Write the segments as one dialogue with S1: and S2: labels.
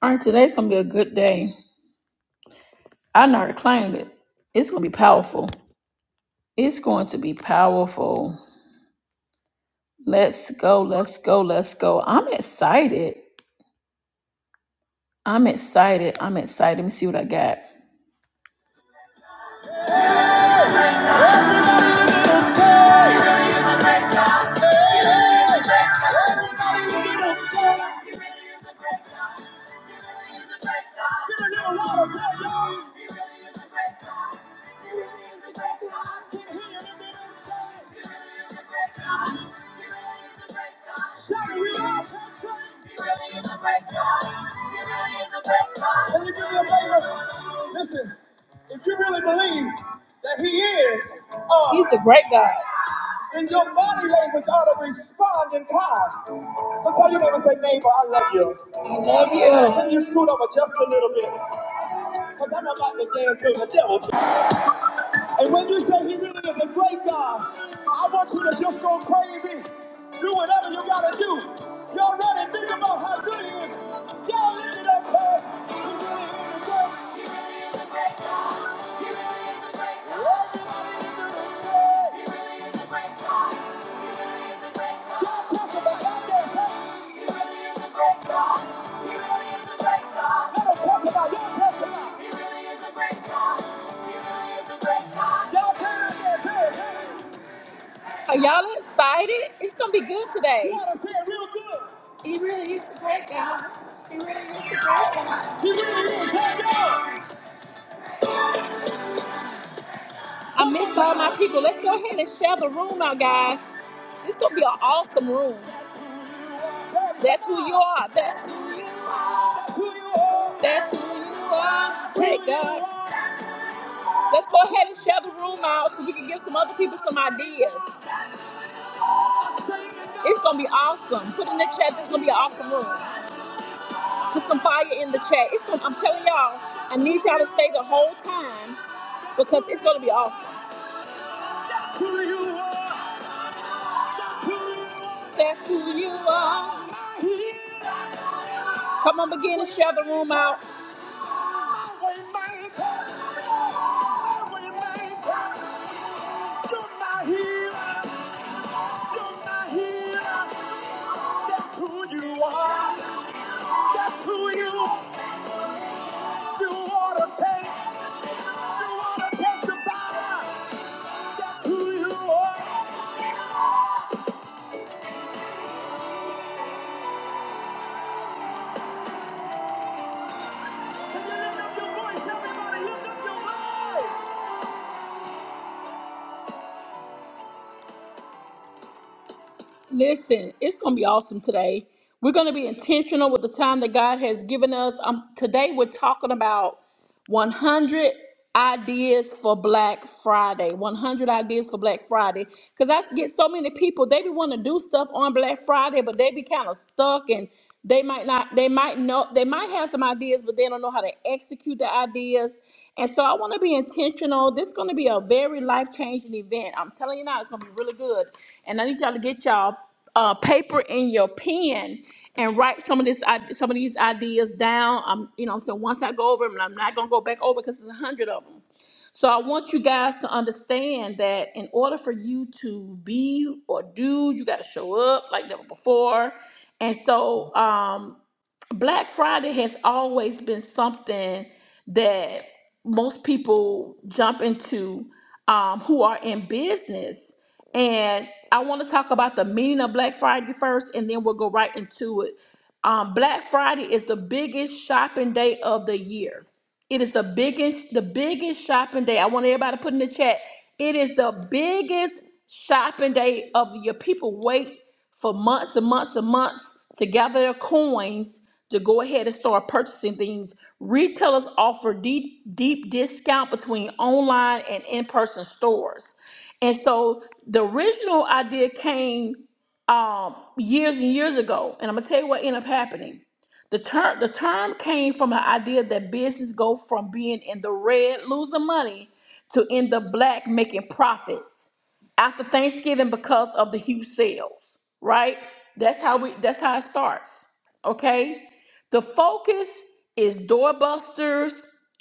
S1: All right, today's gonna be a good day. I know how to claim it. It's gonna be powerful. It's going to be powerful. Let's go, let's go, let's go. I'm excited. I'm excited. I'm excited. Let me see what I got. really really Let me do you a favor. Listen, if you really believe that he is, uh, he's a great guy. And your body language ought to respond in kind. So tell your neighbor, say, neighbor, I love you. Yeah. Can you scoot over just a little bit? Because I'm about to dance to the devil's and when you say he really is a great God, I want you to just go crazy. Do whatever you gotta do. Y'all ready? Think about how good he is. Y'all lift it up, hey. He really is a great God. He really is a great God. He really is a great God. Everybody do it, say. He really is a great God. He really is a great God. Y'all talk about that, I miss all my people. Let's go ahead and share the room out, guys. This gonna be an awesome room. That's who you are. That's who you are. That's who you are. Great God. Let's go ahead and share the room out so we can give some other people some ideas. It's gonna be awesome. Put in the chat. This is gonna be an awesome room. Put some fire in the chat. It's gonna, I'm telling y'all, I need y'all to stay the whole time because it's gonna be awesome. That's who you are. That's who you are. Come on, begin to share the room out. That's who you are. That's who you are. You wanna take, you wanna take the power. That's who you are. Can you lift up your voice, everybody? Lift up your voice. Listen, it's going to be awesome today. We're going to be intentional with the time that God has given us. Um, today, we're talking about 100 ideas for Black Friday. 100 ideas for Black Friday. Because I get so many people, they be want to do stuff on Black Friday, but they be kind of stuck and they might not, they might know, they might have some ideas, but they don't know how to execute the ideas. And so I want to be intentional. This is going to be a very life changing event. I'm telling you now, it's going to be really good. And I need y'all to get y'all uh, paper and your pen and write some of this i- some of these ideas down. I'm you know so once I go over them, and I'm not gonna go back over because there's a hundred of them. So I want you guys to understand that in order for you to be or do, you got to show up like never before. And so, um, Black Friday has always been something that most people jump into um, who are in business. And I want to talk about the meaning of Black Friday first, and then we'll go right into it. Um, Black Friday is the biggest shopping day of the year. It is the biggest, the biggest shopping day. I want everybody to put in the chat. It is the biggest shopping day of the year. People wait for months and months and months to gather their coins to go ahead and start purchasing things. Retailers offer deep, deep discount between online and in-person stores. And so the original idea came um, years and years ago. And I'm gonna tell you what ended up happening. The term the term came from an idea that business go from being in the red, losing money, to in the black, making profits after Thanksgiving because of the huge sales, right? That's how we that's how it starts. Okay? The focus is doorbusters,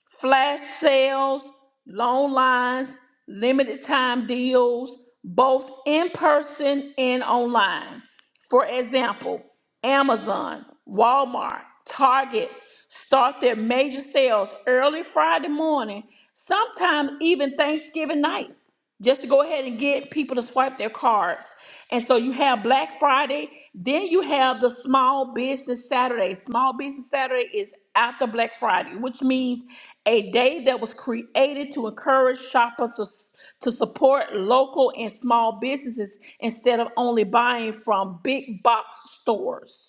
S1: flash sales, long lines, limited time deals, both in person and online. For example, Amazon, Walmart, Target start their major sales early Friday morning, sometimes even Thanksgiving night just to go ahead and get people to swipe their cards. And so you have Black Friday, then you have the Small Business Saturday. Small Business Saturday is after Black Friday, which means a day that was created to encourage shoppers to, to support local and small businesses instead of only buying from big box stores.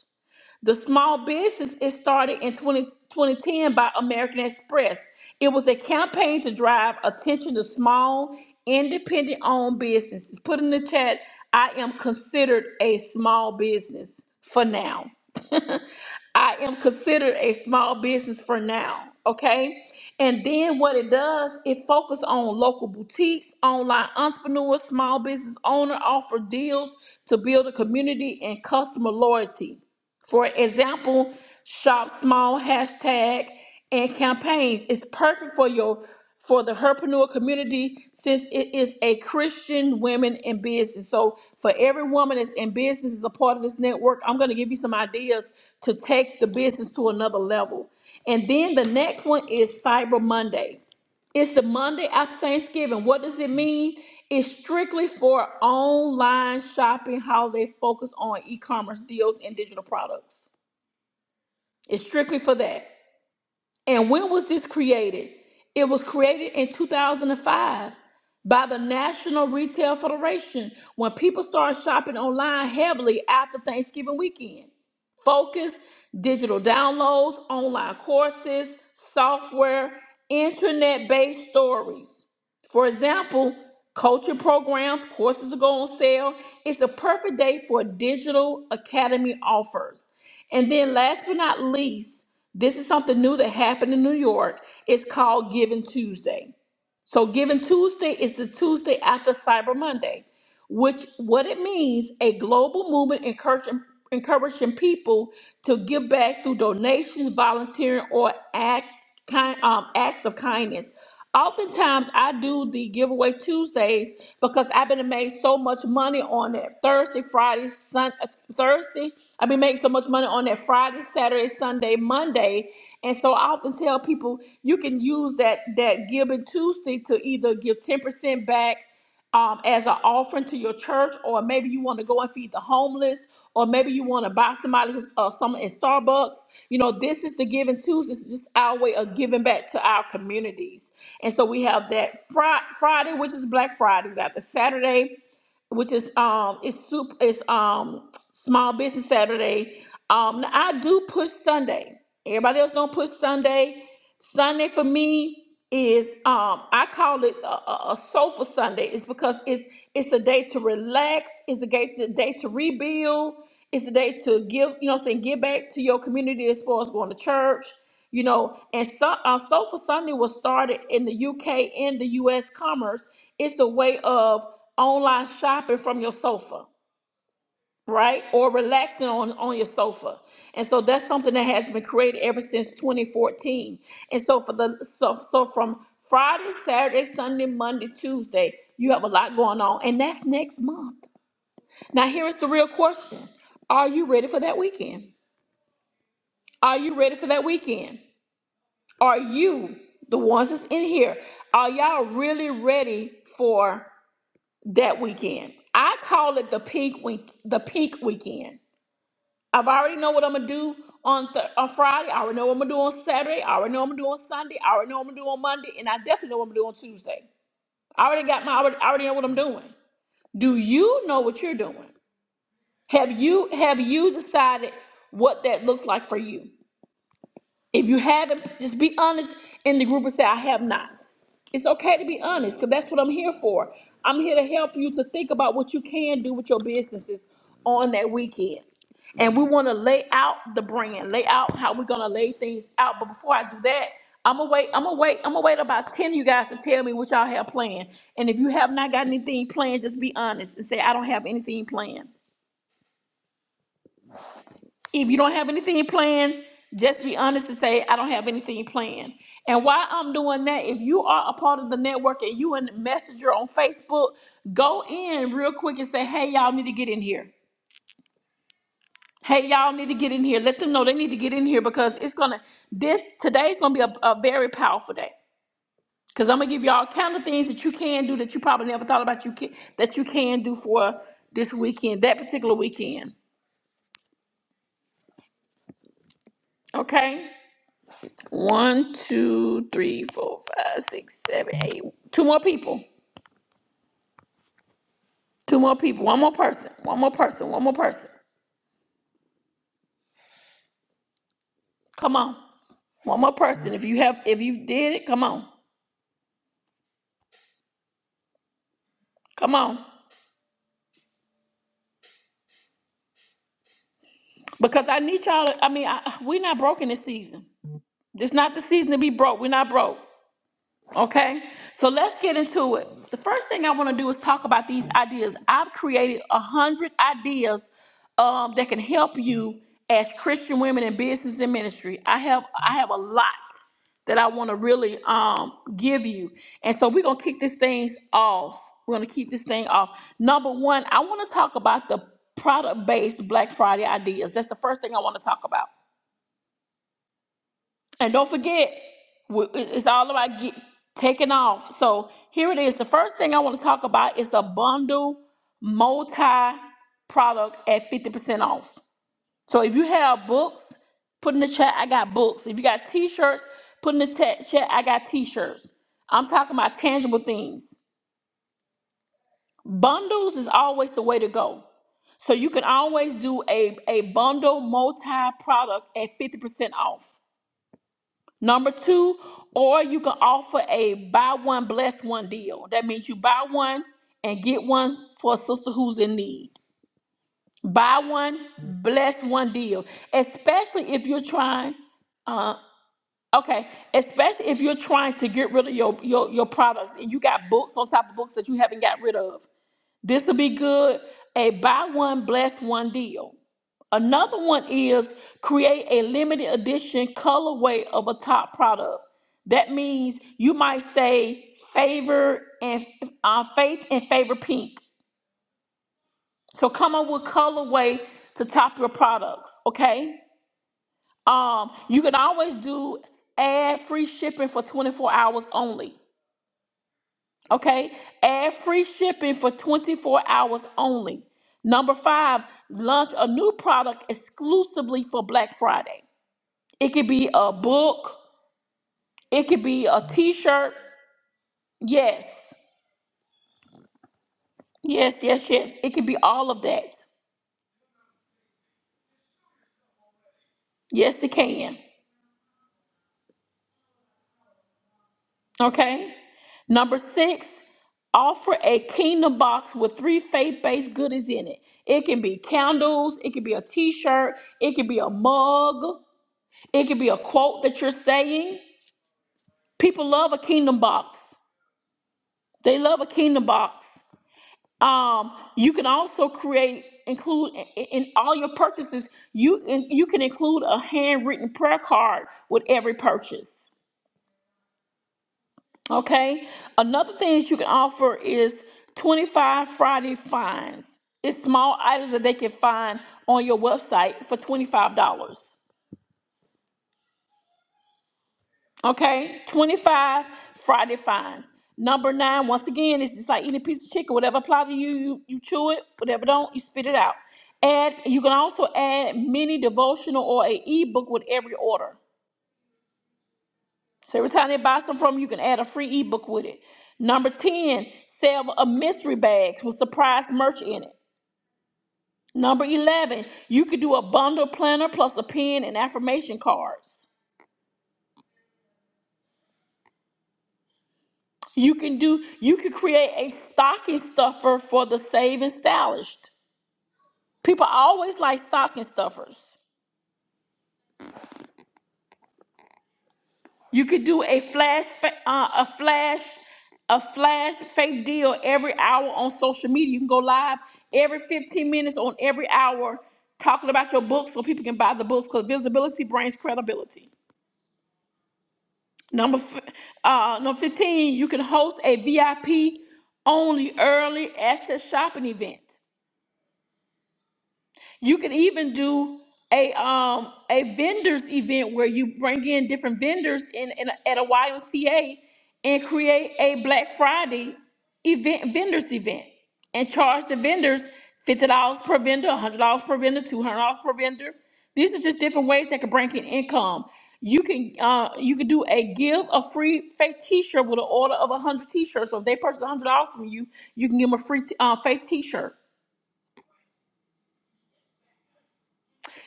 S1: The small business is started in 20 2010 by American Express. It was a campaign to drive attention to small, independent owned businesses. Put in the chat, I am considered a small business for now. I am considered a small business for now. Okay. And then what it does, it focuses on local boutiques, online entrepreneurs, small business owner offer deals to build a community and customer loyalty. For example, shop small hashtag and campaigns is perfect for your for the herpreneur community since it is a Christian women in business. So for every woman that's in business is a part of this network, I'm going to give you some ideas to take the business to another level. And then the next one is Cyber Monday. It's the Monday after Thanksgiving. What does it mean? It's strictly for online shopping, how they focus on e commerce deals and digital products. It's strictly for that. And when was this created? It was created in 2005 by the National Retail Federation when people started shopping online heavily after Thanksgiving weekend. Focus, digital downloads, online courses, software, internet based stories. For example, culture programs, courses go on sale. It's a perfect day for digital academy offers. And then last but not least, this is something new that happened in New York. It's called Giving Tuesday. So Giving Tuesday is the Tuesday after Cyber Monday, which what it means a global movement encouraging encouraging people to give back through donations, volunteering, or act kind um, acts of kindness. Oftentimes, I do the giveaway Tuesdays because I've been made so much money on it. Thursday, Friday, Sun uh, Thursday. I've been making so much money on that Friday, Saturday, Sunday, Monday. And so I often tell people you can use that that Giving Tuesday to either give 10% back um, as an offering to your church, or maybe you want to go and feed the homeless, or maybe you want to buy somebody uh, some at Starbucks. You know, this is the Giving Tuesday. This is just our way of giving back to our communities. And so we have that Fri Friday, which is Black Friday. We got the Saturday which is um it's soup it's um small business Saturday. Um now I do push Sunday. Everybody else don't push Sunday. Sunday for me is um I call it a, a, a sofa Sunday. It's because it's it's a day to relax, it's a day, a day to rebuild, it's a day to give, you know what I'm saying, give back to your community as far as going to church you know and so uh, soulful sunday was started in the uk and the us commerce it's a way of online shopping from your sofa right or relaxing on, on your sofa and so that's something that has been created ever since 2014 and so for the so, so from friday saturday sunday monday tuesday you have a lot going on and that's next month now here is the real question are you ready for that weekend are you ready for that weekend Are you, the ones that's in here, are y'all really ready for that weekend? I call it the pink week, the pink weekend. I've already know what I'm gonna do on th- on Friday. I already know what I'm gonna do on Saturday. I already know what I'm gonna do on Sunday. I already know what I'm gonna do on Monday, and I definitely know what I'm gonna do on Tuesday. I already got my. I already, I already know what I'm doing. Do you know what you're doing? Have you have you decided what that looks like for you? If you haven't, just be honest in the group and say, I have not. It's okay to be honest because that's what I'm here for. I'm here to help you to think about what you can do with your businesses on that weekend. And we want to lay out the brand, lay out how we're gonna lay things out. But before I do that, I'm gonna wait, I'm gonna wait, I'm gonna wait about 10 of you guys to tell me what y'all have planned. And if you have not got anything planned, just be honest and say, I don't have anything planned if you don't have anything planned, just be honest and say, I don't have anything planned. And while I'm doing that, if you are a part of the network and you in messenger on Facebook, go in real quick and say, Hey, y'all need to get in here. Hey, y'all need to get in here. Let them know they need to get in here because it's gonna this today's gonna be a, a very powerful day. Cause I'm gonna give y'all kind of things that you can do that you probably never thought about you can that you can do for this weekend, that particular weekend. Okay? One, two, three, four, five, six, seven, eight. Two more people. Two more people. One more person. One more person. One more person. Come on. One more person. If you have, if you did it, come on. Come on. Because I need y'all. To, I mean, I, we're not broke in this season. It's not the season to be broke. We're not broke. Okay, so let's get into it. The first thing I want to do is talk about these ideas. I've created a hundred ideas um, that can help you as Christian women in business and ministry. I have I have a lot that I want to really um, give you, and so we're gonna kick this thing off. We're gonna keep this thing off. Number one, I want to talk about the product-based Black Friday ideas. That's the first thing I want to talk about. And don't forget, w- it's it's all about get, taking off. So here it is. The first thing I want to talk about is a bundle multi product at 50% off. So if you have books, put in the chat, I got books. If you got t shirts, put in the chat, chat, I got t shirts. I'm talking about tangible things. Bundles is always the way to go. So you can always do a, a bundle multi product at 50% off. Number two, or you can offer a buy one, bless one deal. That means you buy one and get one for a sister who's in need. Buy one, bless one deal. Especially if you're trying, uh, okay, especially if you're trying to get rid of your, your, your products and you got books on top of books that you haven't got rid of. This would be good. A buy one, bless one deal. Another one is create a limited edition colorway of a top product. That means you might say favor and uh, faith and favor pink. So come up with colorway to top your products. Okay. Um, you can always do add free shipping for 24 hours only. Okay. Add free shipping for 24 hours only. Number five, launch a new product exclusively for Black Friday. It could be a book. It could be a t shirt. Yes. Yes, yes, yes. It could be all of that. Yes, it can. Okay. Number six, offer a kingdom box with three faith based goodies in it. It can be candles. It could be a t shirt. It could be a mug. It could be a quote that you're saying. People love a kingdom box. They love a kingdom box. Um, you can also create include in, in all your purchases. You in, you can include a handwritten prayer card with every purchase. Okay. Another thing that you can offer is twenty five Friday finds. It's small items that they can find on your website for twenty five dollars. Okay, 25 Friday fines. Number nine, once again, it's just like eating a piece of chicken. Whatever applies to you, you you chew it. Whatever don't, you spit it out. Add. You can also add mini devotional or a ebook with every order. So every time they buy some from you, you can add a free ebook with it. Number ten, sell a mystery bags with surprise merch in it. Number eleven, you could do a bundle planner plus a pen and affirmation cards. You can do you can create a stocking stuffer for the saved and established. People always like stocking stuffers. You could do a flash fa- uh, a flash a flash fake deal every hour on social media. You can go live every 15 minutes on every hour talking about your book so people can buy the books because visibility brings credibility. Number f- uh, number 15, you can host a VIP only early access shopping event. You could even do a um a vendors event where you bring in different vendors in, in a- at a YMCA and create a Black Friday event vendors event and charge the vendors fifty dollars per vendor, hundred dollars per vendor, two hundred dollars per vendor. These are just different ways that could bring in income. You can uh, you can do a give a free fake T-shirt with an order of hundred T-shirts. So if they purchase hundred dollars from you, you can give them a free t- uh, fake T-shirt.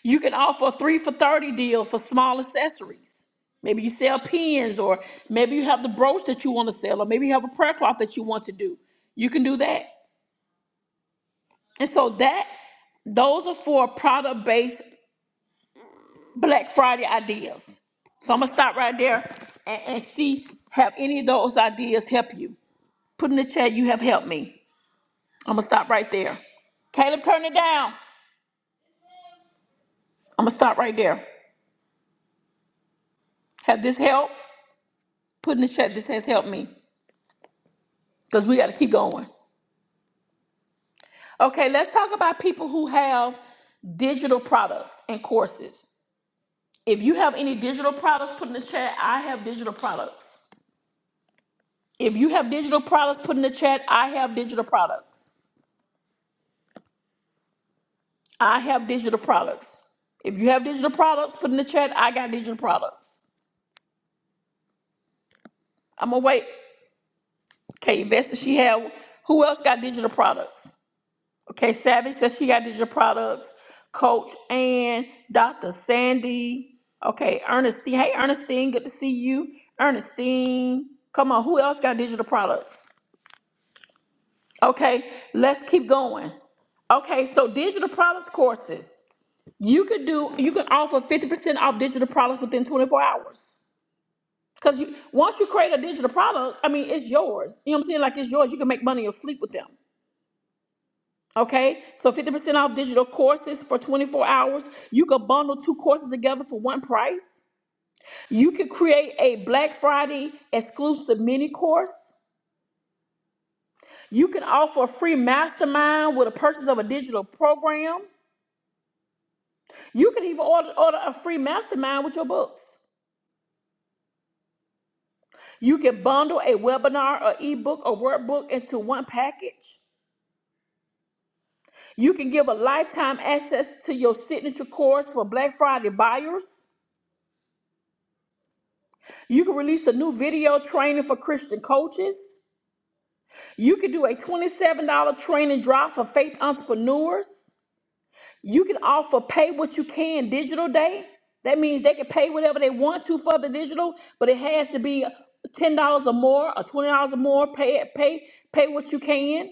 S1: You can offer a three for 30 deal for small accessories. Maybe you sell pins, or maybe you have the brooch that you want to sell, or maybe you have a prayer cloth that you want to do. You can do that. And so that those are for product based Black Friday ideas. So I'm gonna stop right there and, and see have any of those ideas help you. Put in the chat, you have helped me. I'm gonna stop right there. Caleb, turn it down. I'm gonna stop right there. Have this help? Put in the chat, this has helped me. Because we gotta keep going. Okay, let's talk about people who have digital products and courses. If you have any digital products, put in the chat. I have digital products. If you have digital products, put in the chat. I have digital products. I have digital products. If you have digital products, put in the chat. I got digital products. I'm gonna wait. Okay, Vesta, she have. Who else got digital products? Okay, Savage says she got digital products. Coach and Dr. Sandy. Okay, Ernestine. Hey, Ernestine, good to see you. Ernestine, come on. Who else got digital products? Okay, let's keep going. Okay, so digital products courses. You could do. You can offer fifty percent off digital products within twenty four hours. Cause you once you create a digital product, I mean, it's yours. You know what I'm saying? Like it's yours. You can make money or sleep with them. Okay, so 50% off digital courses for 24 hours. You can bundle two courses together for one price. You can create a Black Friday exclusive mini course. You can offer a free mastermind with a purchase of a digital program. You can even order, order a free mastermind with your books. You can bundle a webinar, or ebook, or workbook into one package. You can give a lifetime access to your signature course for Black Friday buyers. You can release a new video training for Christian coaches. You can do a $27 training drop for faith entrepreneurs. You can offer pay what you can digital day. That means they can pay whatever they want to for the digital, but it has to be $10 or more or $20 or more. Pay it, pay, pay what you can.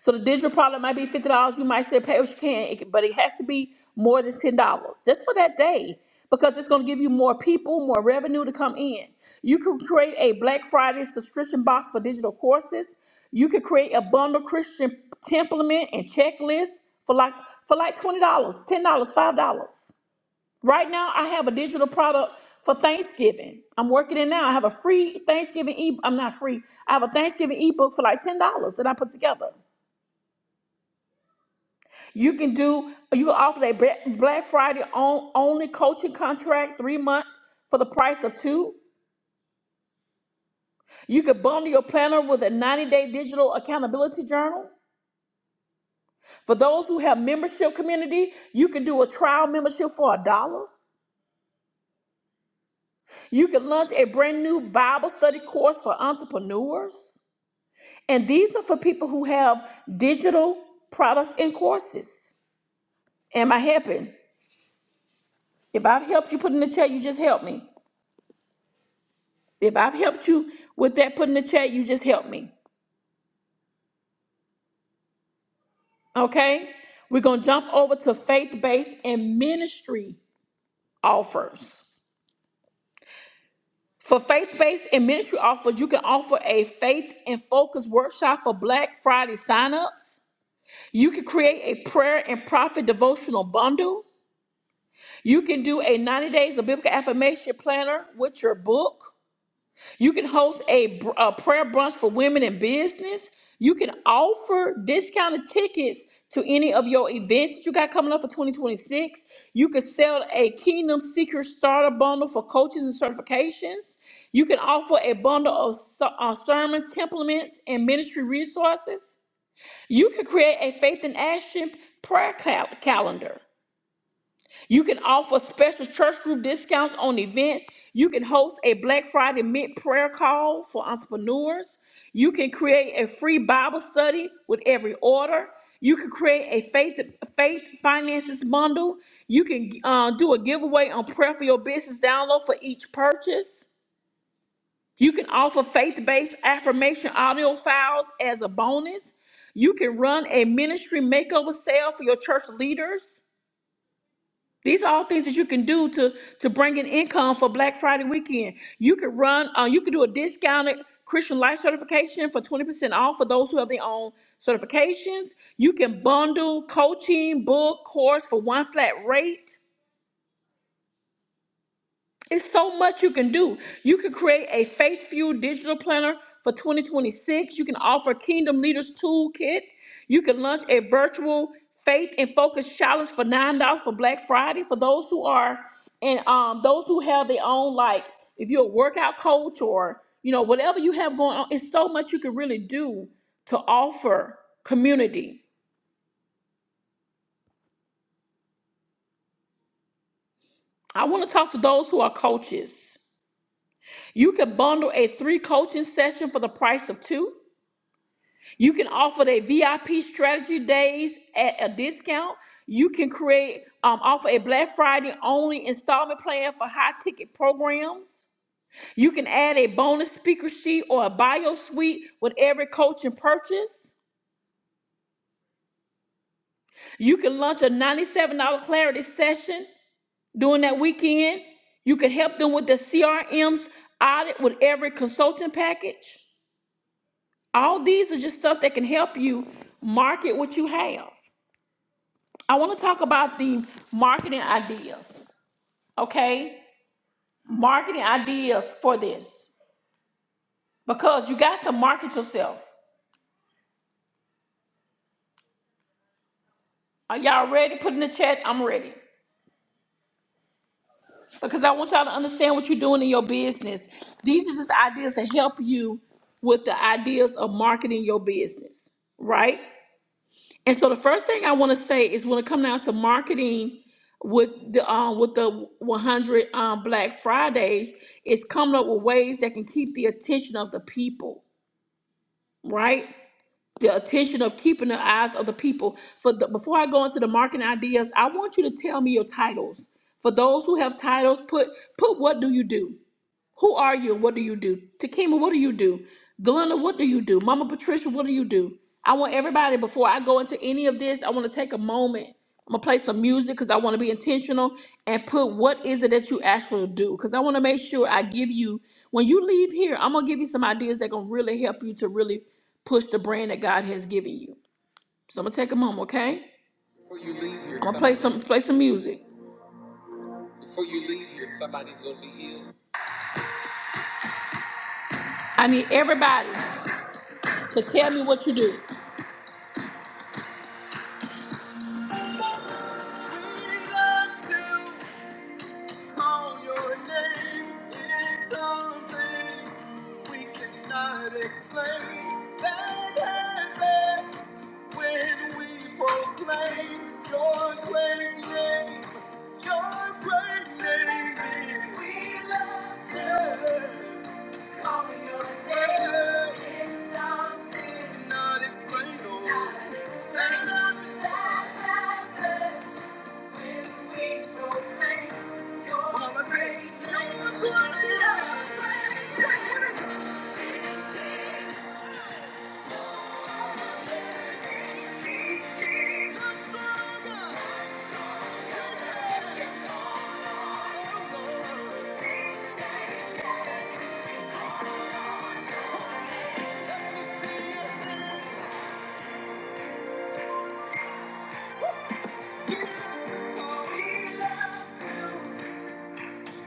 S1: So the digital product might be fifty dollars. You might say pay what you can, it but it has to be more than ten dollars just for that day because it's going to give you more people, more revenue to come in. You can create a Black Friday subscription box for digital courses. You can create a bundle Christian template and checklist for like for like twenty dollars, ten dollars, five dollars. Right now, I have a digital product for Thanksgiving. I'm working it now. I have a free Thanksgiving e. I'm not free. I have a Thanksgiving ebook for like ten dollars that I put together. You can do you can offer that Bla- Black Friday on only coaching contract three months for the price of two. You could bundle your planner with a 90-day digital accountability journal. For those who have membership community, you can do a trial membership for a dollar. You can launch a brand new Bible study course for entrepreneurs. And these are for people who have digital products and courses. Am I helping? If I've helped you put in the chat, you just help me. If I've helped you with that, put in the chat, you just help me. Okay? We're going to jump over to faith based and ministry offers. For faith based and ministry offers, you can offer a faith and focus workshop for Black Friday signups. You can create a prayer and profit devotional bundle. You can do a 90 days of biblical affirmation planner with your book. You can host a, br- a prayer brunch for women in business. You can offer discounted tickets to any of your events that you got coming up for 2026. You can sell a Kingdom Secret Starter Bundle for coaches and certifications. You can offer a bundle of ser- uh, sermon templates and ministry resources. You can create a faith in action prayer cal- calendar. You can offer special church group discounts on events. You can host a Black Friday mid prayer call for entrepreneurs. You can create a free Bible study with every order. You can create a faith faith finances bundle. You can uh, do a giveaway on prayer for your business download for each purchase. You can offer faith based affirmation audio files as a bonus. You can run a ministry makeover sale for your church leaders. These are all things that you can do to to bring in income for Black Friday weekend. You could run, uh, you could do a discounted Christian life certification for twenty percent off for those who have their own certifications. You can bundle coaching, book, course for one flat rate. It's so much you can do. You can create a faith fueled digital planner for 2026. You can offer Kingdom Leaders Toolkit. You can launch a virtual faith and focus challenge for nine dollars for Black Friday for those who are and um those who have their own like if you're a workout coach or you know whatever you have going on. It's so much you can really do to offer community. I want to talk to those who are coaches. You can bundle a three coaching session for the price of two. You can offer their VIP strategy days at a discount. You can create, um, offer a Black Friday only installment plan for high ticket programs. You can add a bonus speaker sheet or a bio suite with every coaching purchase. You can launch a $97 clarity session during that weekend. You can help them with their CRM's audit with every consulting package. All these are just stuff that can help you market what you have. I want to talk about the marketing ideas, okay? Marketing ideas for this because you got to market yourself. Are y'all ready? Put in the chat. I'm ready because I want y'all to understand what you're doing in your business. These are just ideas that help you with the ideas of marketing your business, right? And so the first thing I want to say is when it comes down to marketing with the um, with the 100 um, Black Fridays, it's coming up with ways that can keep the attention of the people, right? The attention of keeping the eyes of the people. For the, before I go into the marketing ideas, I want you to tell me your titles. For those who have titles, put put what do you do? Who are you what do you do? Takima, what do you do? Glenda, what do you do? Mama Patricia, what do you do? I want everybody, before I go into any of this, I want to take a moment. I'm going to play some music because I want to be intentional and put what is it that you actually do? Because I want to make sure I give you, when you leave here, I'm going to give you some ideas that going to really help you to really push the brand that God has given you. So I'm going to take a moment, okay? I'm going to play some, play some music. I need everybody to tell me what you do. Call your name is something we cannot explain. That happens when we proclaim your great name. Your great name is. We love you. Calling your name is something not explainable. Not explainable. That happens. Yeah.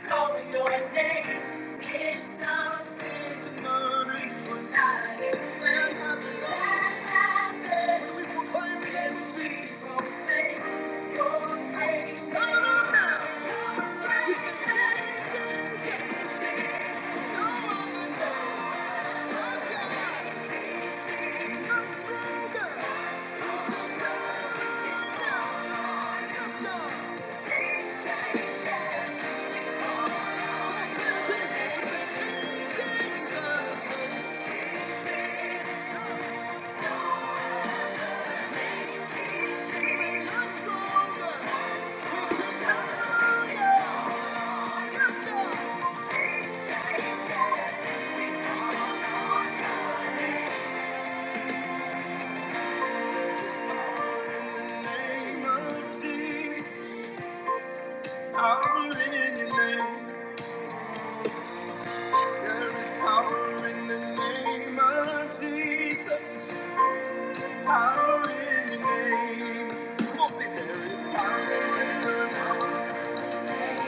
S1: Call your name. It's something wonderful. Not explained. That happened. We proclaim the name of Jesus. We your praise. Come on now. Your praise is No one knows. Jesus. Power in the name. there is power in Come on, sing. There is power in the name. Thank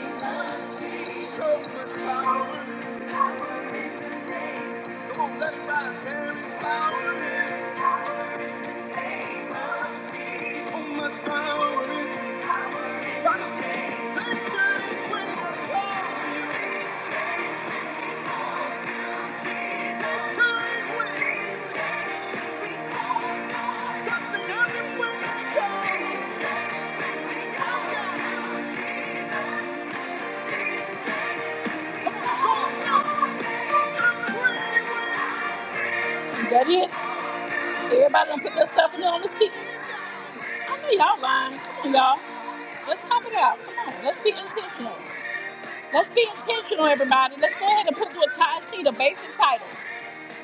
S1: you. That it? Everybody done put their stuff in there on the seat. I know y'all lying. Come on, y'all. Let's talk it out. Come on. Let's be intentional. Let's be intentional, everybody. Let's go ahead and put to a tie sheet a basic title.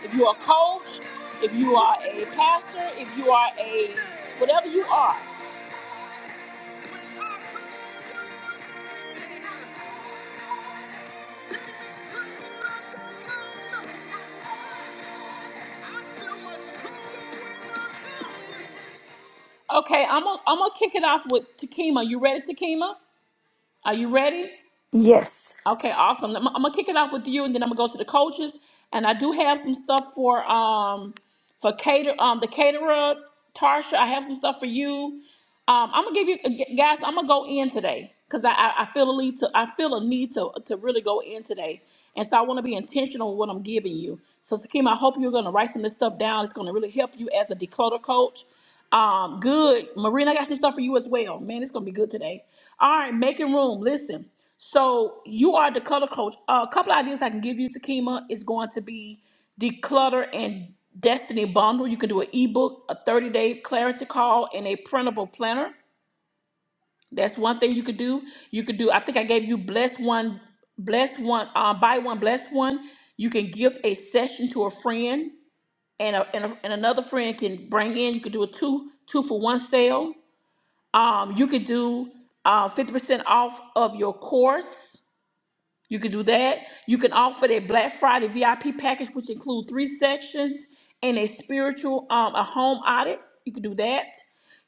S1: If you are a coach, if you are a pastor, if you are a whatever you are, Okay, I'm gonna I'm gonna kick it off with Takima. You ready, Takima? Are you ready?
S2: Yes.
S1: Okay, awesome. I'm, I'm gonna kick it off with you, and then I'm gonna go to the coaches. And I do have some stuff for um for cater um the caterer Tarsha. I have some stuff for you. Um, I'm gonna give you g- guys. I'm gonna go in today because I, I I feel a need to I feel a need to to really go in today, and so I want to be intentional with what I'm giving you. So Sakim, I hope you're gonna write some of this stuff down. It's gonna really help you as a declutter coach. Um, good, Marina. I got some stuff for you as well. Man, it's gonna be good today. All right, making room. Listen, so you are a declutter coach. Uh, a couple ideas I can give you, Takima, is going to be declutter and destiny bundle you can do an ebook a 30-day clarity call and a printable planner that's one thing you could do you could do i think i gave you bless one bless one uh, buy one bless one you can give a session to a friend and, a, and, a, and another friend can bring in you could do a two two for one sale um, you could do uh, 50% off of your course you can do that. You can offer that Black Friday VIP package, which include three sections and a spiritual, um, a home audit. You can do that.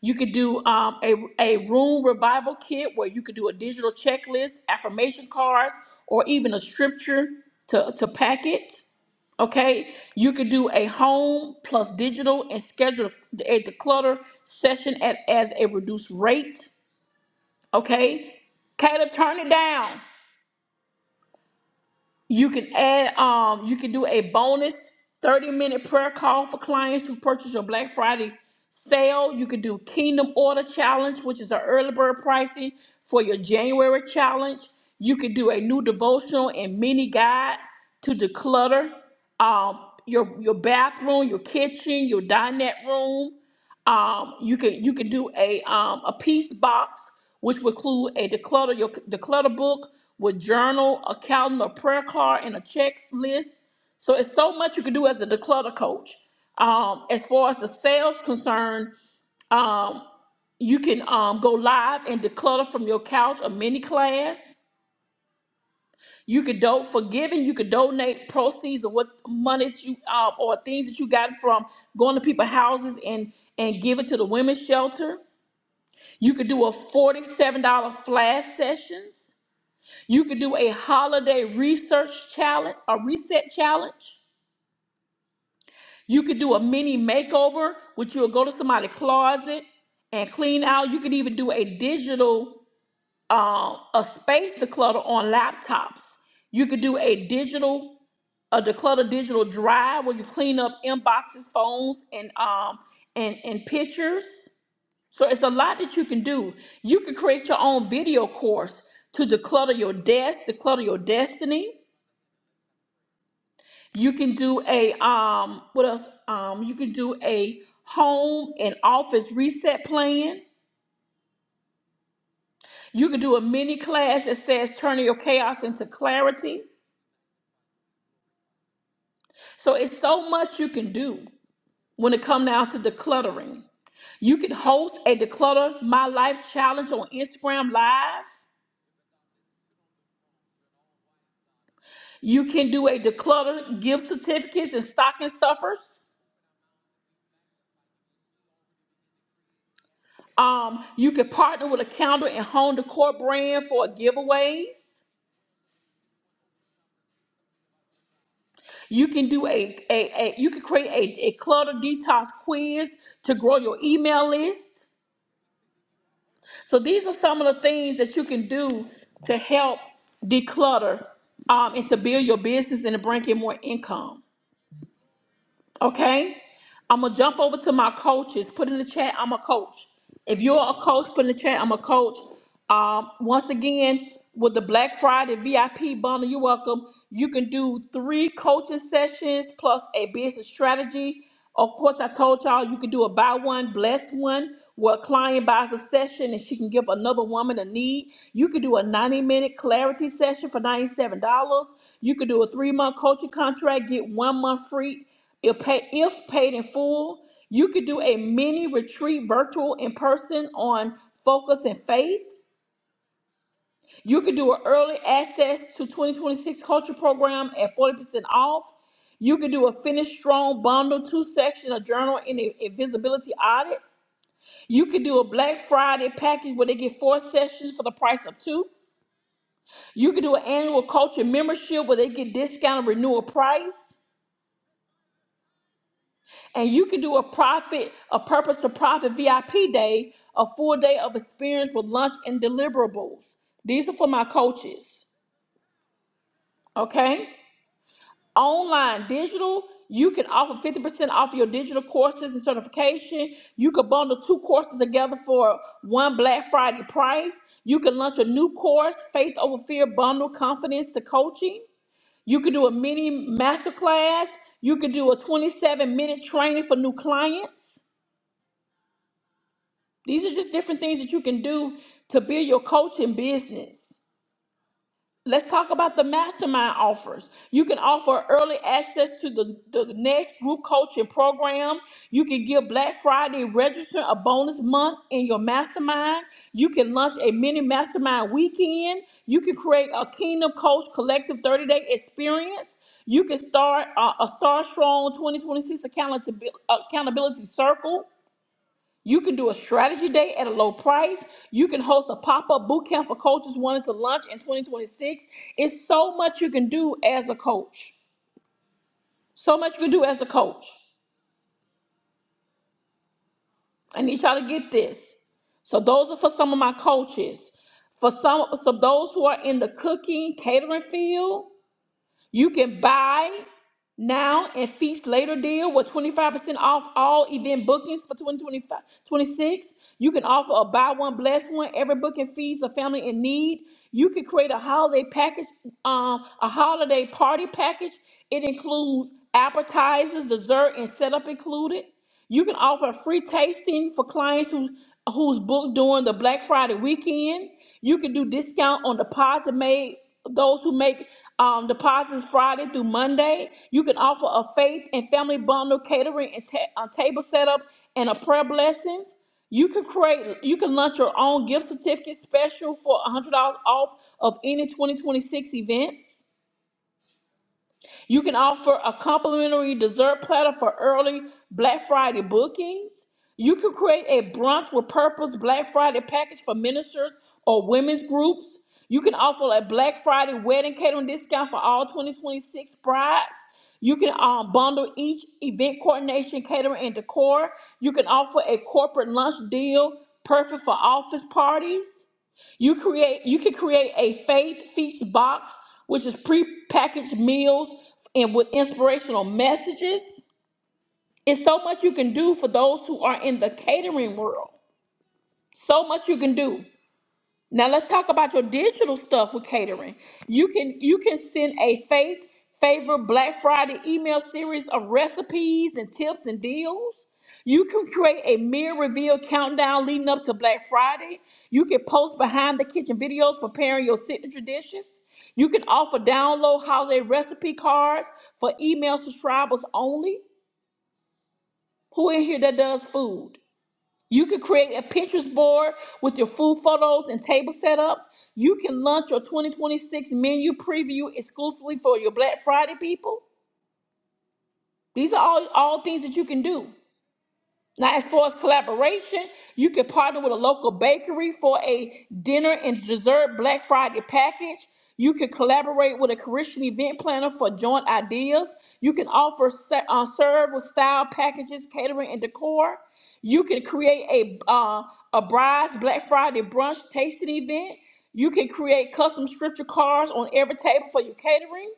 S1: You could do um, a, a room revival kit where you could do a digital checklist, affirmation cards, or even a scripture to, to pack it. Okay, you could do a home plus digital and schedule a declutter session at as a reduced rate. Okay, Caleb, turn it down. You can add, um, you can do a bonus 30 minute prayer call for clients who purchase your Black Friday sale. You can do Kingdom Order Challenge, which is an early bird pricing for your January challenge. You can do a new devotional and mini guide to declutter um, your your bathroom, your kitchen, your dinette room um, you could you could do a um, a piece box which would include a declutter your declutter book with journal, a calendar, prayer card, and a checklist. So it's so much you could do as a declutter coach. Um, as far as the sales concerned, um, you can um, go live and declutter from your couch a mini class. You could do for giving. You could donate proceeds of what money that you um, or things that you got from going to people's houses and and give it to the women's shelter you could do a $47 flash sessions. You could do a holiday research challenge, a reset challenge. You could do a mini makeover, which you'll go to somebody's closet and clean out. You could even do a digital, um, a space declutter on laptops. You could do a digital, a declutter digital drive where you clean up inboxes, phones, and um, and and pictures. So it's a lot that you can do. You can create your own video course to declutter your desk, declutter your destiny. You can do a um what else? Um you can do a home and office reset plan. You can do a mini class that says turning your chaos into clarity. So it's so much you can do when it comes down to decluttering. You can host a declutter my life challenge on Instagram live. You can do a declutter, gift certificates, and stocking stuffers. Um, you can partner with a calendar and home decor brand for giveaways. You can do a, a, a you can create a, a clutter detox quiz to grow your email list. So these are some of the things that you can do to help declutter um, and to build your business and to bring in more income. Okay? I'm gonna jump over to my coaches. Put in the chat, I'm a coach. If you're a coach, put in the chat, I'm a coach. Um, once again, with the Black Friday VIP bundle, you're welcome. You can do three coaching sessions plus a business strategy. Of course, I told y'all you can do a buy one, bless one, where a client buys a session and she can give another woman a need. You could do a 90 minute clarity session for $97. You could do a three month coaching contract, get one month free if, pay, if paid in full, you could do a mini retreat virtual in person on focus and faith. You could do an early access to 2026 culture program at 40% off. You could do a finish strong bundle, two section, a journal, and a, a visibility audit. You could do a Black Friday package where they get four sessions for the price of two. You could do an annual culture membership where they get discounted renewal price. And you can do a profit, a purpose to profit VIP day, a full day of experience with lunch and deliverables. These are for my coaches. Okay? Online, digital, you can offer 50% off your digital courses and certification. You could bundle two courses together for one Black Friday price. You can launch a new course, Faith Over Fear Bundle Confidence to Coaching. You could do a mini masterclass. You could do a 27 minute training for new clients. These are just different things that you can do to build your coaching business. Let's talk about the mastermind offers. You can offer early access to the, the next group coaching program. You can give Black Friday register a bonus month in your mastermind. You can launch a mini mastermind weekend. You can create a Kingdom Coach Collective 30 day experience. You can start uh, a Star Strong 2026 accountability accountability circle. You can do a strategy day at a low price. You can host a pop up boot camp for coaches wanting to launch in 2026. It's so much you can do as a coach. So much you can do as a coach. I need y'all to get this. So, those are for some of my coaches. For some, so those who are in the cooking, catering field, You can buy now and feast later deal with 25% off all event bookings for twenty twenty five, twenty six. You can offer a buy one, bless one, every booking feeds a family in need. You can create a holiday package, um, a holiday party package. It includes appetizers, dessert, and setup included. You can offer a free tasting for clients who, who's booked during the Black Friday weekend. You can do discount on deposit made those who make um, deposits Friday through Monday. You can offer a faith and family bundle catering and ta- uh, table setup and a prayer blessings. You can create, you can launch your own gift certificate special for $100 off of any 2026 events. You can offer a complimentary dessert platter for early Black Friday bookings. You can create a brunch with purpose Black Friday package for ministers or women's groups. You can offer a Black Friday wedding catering discount for all 2026 brides. You can um, bundle each event coordination, catering, and decor. You can offer a corporate lunch deal perfect for office parties. You create you can create a faith feast box, which is pre-packaged meals and with inspirational messages. It's so much you can do for those who are in the catering world. So much you can do. Now let's talk about your digital stuff with catering. You can you can send a faith favor Black Friday email series of recipes and tips and deals. You can create a meal reveal countdown leading up to Black Friday. You can post behind the kitchen videos preparing your signature dishes. You can offer download holiday recipe cards for email subscribers only. Who in here that does food? You can create a Pinterest board with your food photos and table setups. You can launch your 2026 menu preview exclusively for your Black Friday people. These are all, all things that you can do. Now, as far as collaboration, you can partner with a local bakery for a dinner and dessert Black Friday package. You can collaborate with a Christian event planner for joint ideas. You can offer se- uh, serve with style packages, catering, and decor. You can create a uh, a bride's Black Friday brunch tasting event. You can create custom scripture cards on every table for your catering.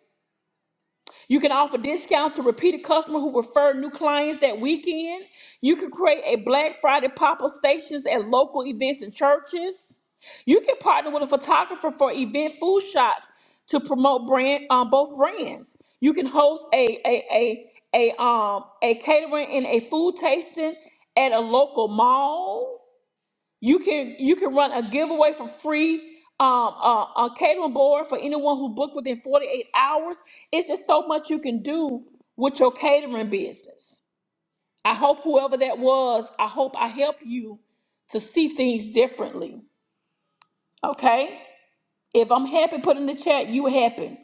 S1: You can offer discounts to repeated customers who refer new clients that weekend. You can create a Black Friday pop-up stations at local events and churches. You can partner with a photographer for event food shots to promote brand um, both brands. You can host a a a a um a catering and a food tasting at a local mall. You can you can run a giveaway for free. Um, uh, a catering board for anyone who booked within 48 hours. It's just so much you can do with your catering business. I hope whoever that was, I hope I help you to see things differently. Okay? If I'm happy, put in the chat, you happy.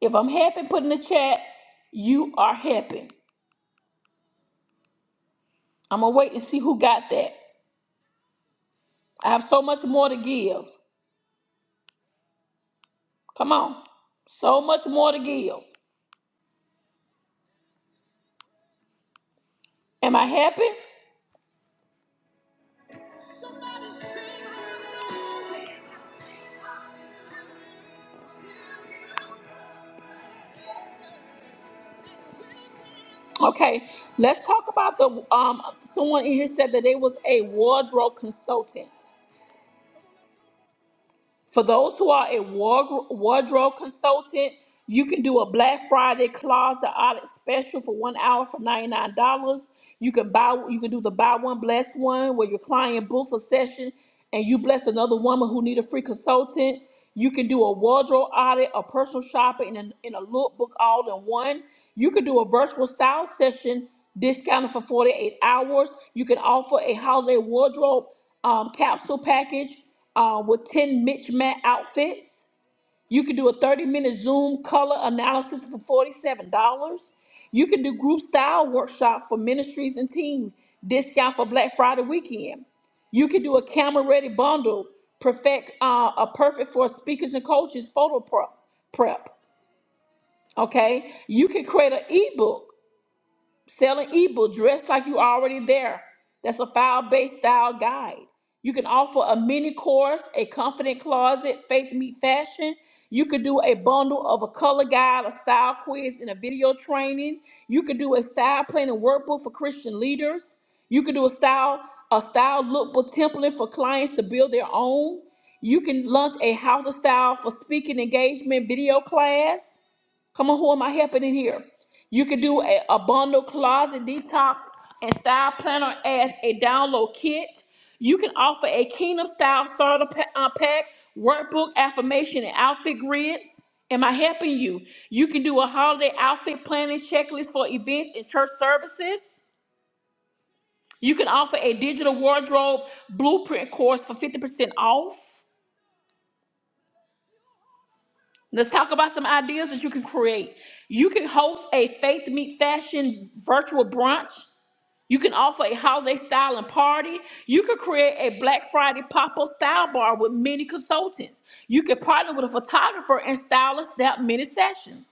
S1: If I'm happy, put in the chat, you are happy. I'm gonna wait and see who got that. I have so much more to give. Come on. So much more to give. Am I happy? Okay, let's talk about the um. Someone in here said that they was a wardrobe consultant. For those who are a ward- wardrobe consultant, you can do a Black Friday closet audit special for one hour for ninety-nine dollars. You can buy, you can do the buy one bless one, where your client books a session and you bless another woman who need a free consultant. You can do a wardrobe audit, a personal shopper, and a, and a lookbook all in one. You can do a virtual style session discounted for 48 hours. You can offer a holiday wardrobe um, capsule package uh, with 10 Mitch Matt outfits. You can do a 30 minute Zoom color analysis for $47. You can do group style workshop for ministries and team, discount for Black Friday weekend. You can do a camera ready bundle, perfect uh, a perfect for speakers and coaches photo prep. prep. Okay, you can create an ebook Selling ebook dressed like you already there. That's a file-based style guide. You can offer a mini course, a confident closet, faith meet fashion. You could do a bundle of a color guide, a style quiz, and a video training. You could do a style planning workbook for Christian leaders. You could do a style a style lookbook template for clients to build their own. You can launch a how to style for speaking engagement video class. Come on, who am I helping in here? You can do a, a bundle closet detox and style planner as a download kit. You can offer a kingdom style starter pa- uh, pack, workbook, affirmation, and outfit grids. Am I helping you? You can do a holiday outfit planning checklist for events and church services. You can offer a digital wardrobe blueprint course for 50% off. Let's talk about some ideas that you can create. You can host a faith meet fashion virtual brunch. You can offer a holiday style and party. You could create a Black Friday pop-up style bar with mini consultants. You could partner with a photographer and stylist that mini sessions.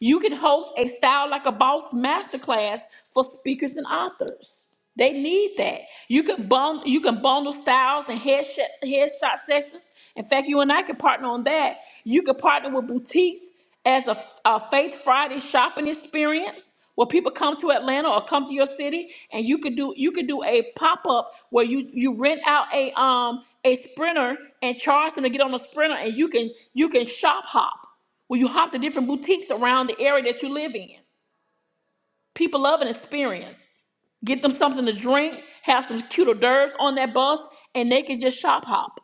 S1: You can host a Style Like a Boss masterclass for speakers and authors. They need that. You can bundle, you can bundle styles and headshot, headshot sessions. In fact, you and I can partner on that. You can partner with boutiques as a, a Faith Friday shopping experience where people come to Atlanta or come to your city, and you could do you could do a pop up where you you rent out a um a sprinter and charge them to get on a sprinter, and you can you can shop hop. Well, you hop to different boutiques around the area that you live in. People love an experience. Get them something to drink, have some cute hors d'oeuvres on that bus, and they can just shop hop.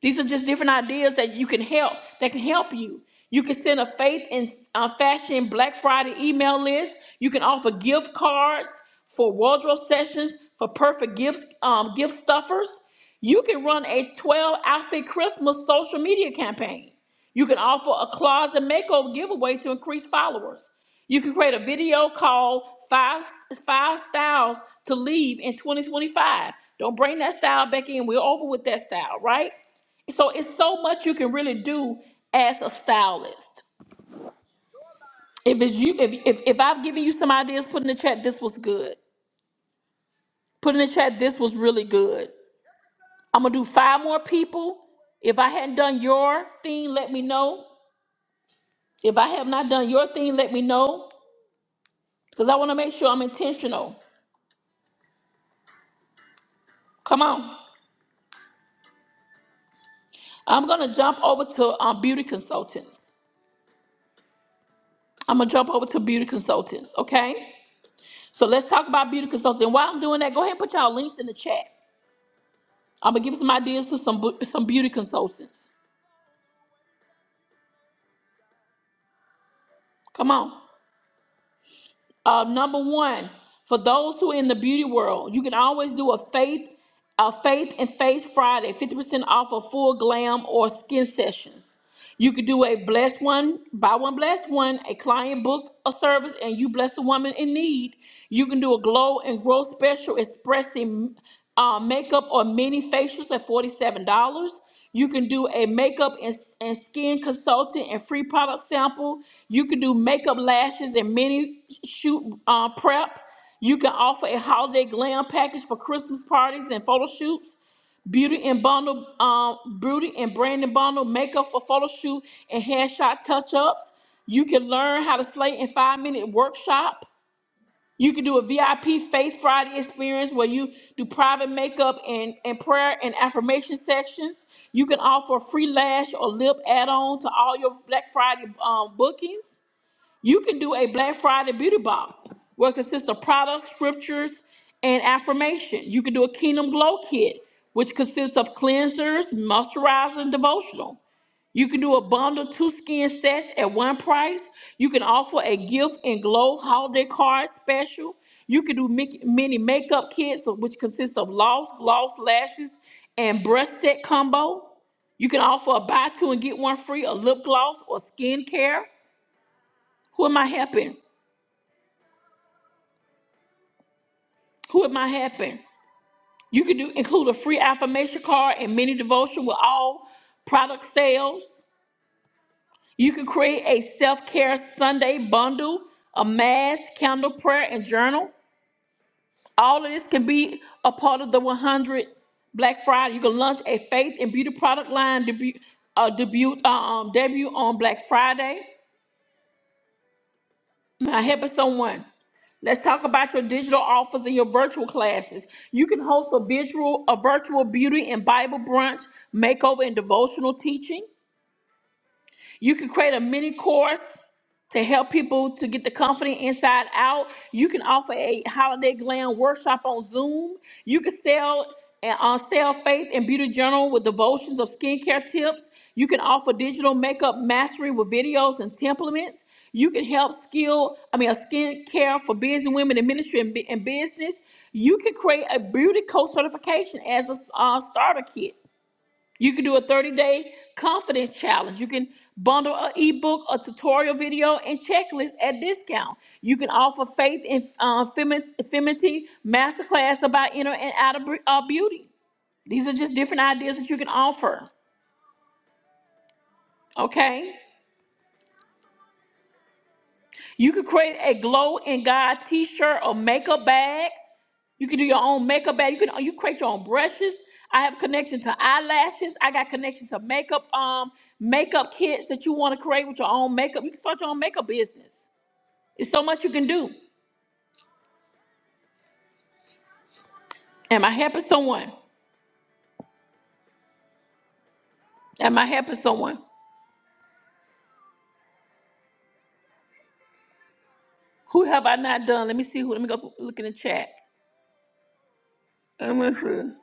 S1: These are just different ideas that you can help that can help you. You can send a faith and uh, fashion Black Friday email list. You can offer gift cards for wardrobe sessions for perfect gifts, um, gift stuffers. You can run a 12 outfit Christmas social media campaign. You can offer a closet makeover giveaway to increase followers. You can create a video called five, five Styles to Leave in 2025. Don't bring that style back in. We're over with that style, right? So it's so much you can really do as a stylist. If it's you, if if, if I've given you some ideas, put in the chat. This was good. Put in the chat. This was really good. I'm gonna do five more people. If I hadn't done your thing, let me know. If I have not done your thing, let me know because I want to make sure I'm intentional. Come on. I'm gonna jump over to um, beauty consultants. I'm gonna jump over to beauty consultants. Okay. So let's talk about beauty consultants. And while I'm doing that, go ahead and put y'all links in the chat. I'm gonna give some ideas to some bu- some beauty consultants. Come on. Uh, number one, for those who are in the beauty world, you can always do a faith a faith and face Friday, 50% off of full glam or skin sessions. You could do a blessed one, buy one blessed one, a client book a service, and you bless a woman in need. You can do a glow and grow special expressing uh, makeup or mini facials at $47. You can do a makeup and, and skin consultant and free product sample. You can do makeup lashes and mini shoot uh, prep. You can offer a holiday glam package for Christmas parties and photo shoots. Beauty and bundle, um, beauty and branding bundle, makeup for photo shoot and headshot touch ups. You can learn how to slay in five minute workshop. You can do a VIP Faith Friday experience where you do private makeup and, and prayer and affirmation sections. You can offer a free lash or lip add on to all your Black Friday um, bookings. You can do a Black Friday beauty box where it consists of products, scriptures, and affirmation. You can do a Kingdom Glow kit, which consists of cleansers, moisturizer, and devotional. You can do a bundle two skin sets at one price. You can offer a gift and glow holiday card special. You can do mic- mini makeup kits, which consists of loss, gloss, lashes, and brush set combo. You can offer a buy two and get one free, a lip gloss or skincare. Who am I helping? Who am I helping? You can do include a free affirmation card and mini devotion with all product sales. You can create a self-care Sunday bundle, a mask, candle, prayer, and journal. All of this can be a part of the 100 Black Friday. You can launch a faith and beauty product line debut, uh, debut, uh, um, debut on Black Friday. Now, helping someone. Let's talk about your digital offers and your virtual classes. You can host a virtual, a virtual beauty and Bible brunch, makeover, and devotional teaching. You can create a mini course to help people to get the company inside out. You can offer a holiday glam workshop on Zoom. You can sell and on sell faith and beauty journal with devotions of skincare tips. You can offer digital makeup mastery with videos and templates. You can help skill, I mean, a skincare for busy women in ministry and, bu- and business. You can create a beauty coach certification as a uh, starter kit. You can do a 30 day confidence challenge. You can bundle an ebook, a tutorial video, and checklist at discount. You can offer faith and uh, femi- femininity masterclass about inner and outer br- uh, beauty. These are just different ideas that you can offer. Okay. You can create a glow in God t-shirt or makeup bags. You can do your own makeup bag. You can you create your own brushes. I have connection to eyelashes. I got connection to makeup um makeup kits that you want to create with your own makeup. You can start your own makeup business. It's so much you can do. Am I helping someone? Am I helping someone? Who have I not done? Let me see who. Let me go look in the chat. I'm gonna see.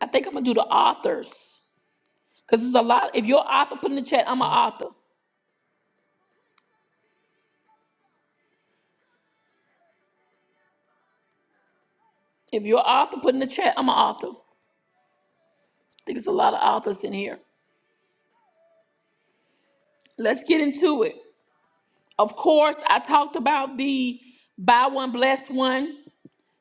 S1: I think I'm gonna do the authors because it's a lot. If you're an author, put in the chat. I'm an author. If you're an author, put in the chat. I'm an author. I think it's a lot of authors in here. Let's get into it. Of course, I talked about the buy one, bless one.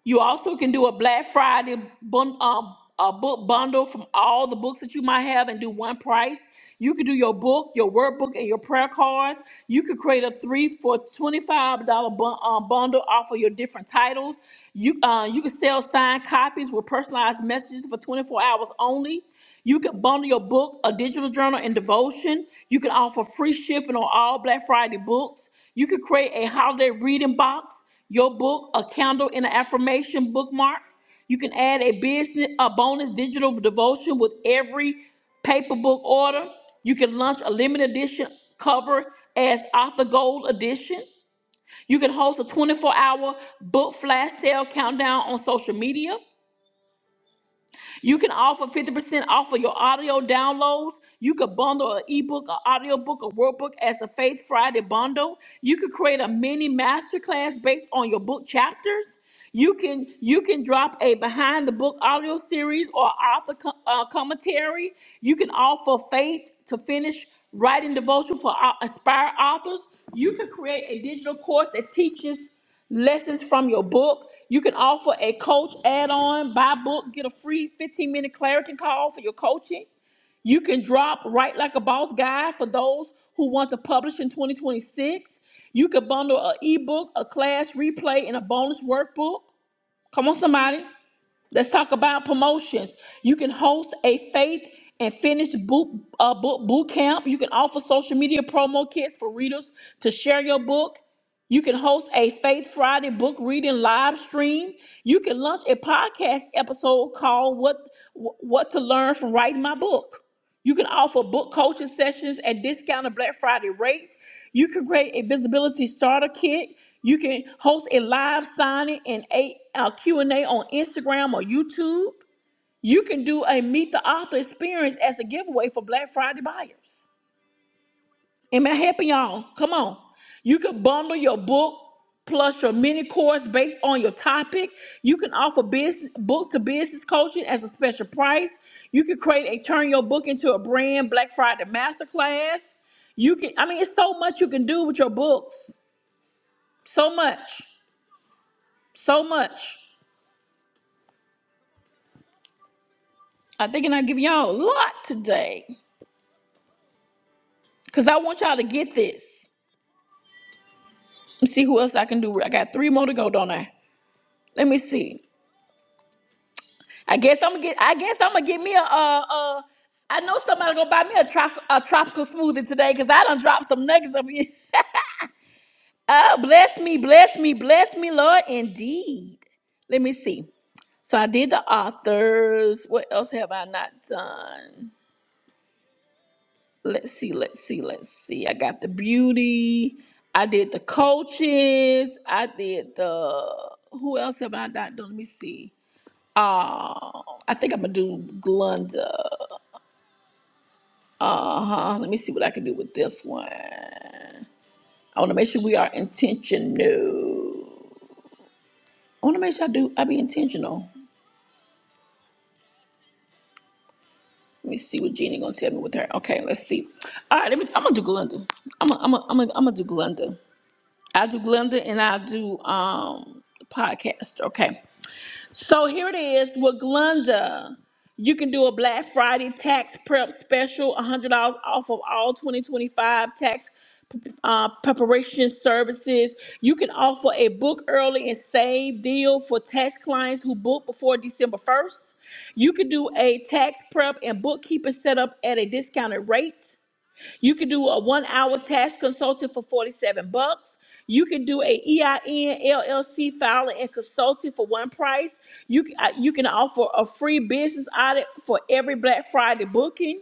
S1: You also can do a Black Friday bun, um, a book bundle from all the books that you might have and do one price. You can do your book, your workbook, and your prayer cards. You could create a three for twenty-five dollar bun, um, bundle off of your different titles. You uh, you can sell signed copies with personalized messages for twenty-four hours only. You can bundle your book, a digital journal, and devotion. You can offer free shipping on all Black Friday books. You could create a holiday reading box your book, a candle and an affirmation bookmark. You can add a business, a bonus digital devotion with every paper book order. You can launch a limited edition cover as author gold edition. You can host a 24 hour book flash sale countdown on social media. You can offer 50% off of your audio downloads. You could bundle an ebook, an audiobook, a workbook as a Faith Friday bundle. You could create a mini masterclass based on your book chapters. You can you can drop a behind the book audio series or author co- uh, commentary. You can offer faith to finish writing devotion for au- aspire authors. You can create a digital course that teaches lessons from your book. You can offer a coach add on, buy book, get a free 15 minute clarity call for your coaching. You can drop Write Like a Boss guide for those who want to publish in 2026. You can bundle an ebook, a class replay, and a bonus workbook. Come on, somebody. Let's talk about promotions. You can host a faith and finish boot, uh, book boot camp. You can offer social media promo kits for readers to share your book. You can host a Faith Friday book reading live stream. You can launch a podcast episode called "What What to Learn from Writing My Book." You can offer book coaching sessions at discounted Black Friday rates. You can create a visibility starter kit. You can host a live signing and a uh, Q&A on Instagram or YouTube. You can do a meet the author experience as a giveaway for Black Friday buyers. Am I helping y'all? Come on. You could bundle your book plus your mini course based on your topic. You can offer business book to business coaching as a special price. You can create a turn your book into a brand Black Friday masterclass. You can, I mean, it's so much you can do with your books. So much. So much. I think i give y'all a lot today. Cause I want y'all to get this. Let me see who else I can do. I got three more to go, don't I? Let me see. I guess I'm gonna get. I guess I'm gonna get me a. Uh, uh, I know somebody gonna buy me a, trop- a tropical smoothie today because I done dropped some nuggets up here. Oh, bless me, bless me, bless me, Lord, indeed. Let me see. So I did the authors. What else have I not done? Let's see, let's see, let's see. I got the beauty. I did the coaches. I did the. Who else have I not done? Let me see. Uh, I think I'm gonna do Glenda. Uh huh. Let me see what I can do with this one. I want to make sure we are intentional. I want to make sure I do. I be intentional. Let me see what Jeannie gonna tell me with her. Okay, let's see. All right, let me. I'm gonna do Glenda. I'm gonna. I'm gonna. I'm gonna I'm gonna do Glenda. I do Glenda and I do um podcast. Okay. So here it is with Glenda. You can do a Black Friday tax prep special, $100 off of all 2025 tax uh, preparation services. You can offer a book early and save deal for tax clients who book before December 1st. You can do a tax prep and bookkeeping setup at a discounted rate. You could do a one hour tax consulting for 47 bucks. You can do a EIN LLC filing and consulting for one price. You can, uh, you can offer a free business audit for every Black Friday booking.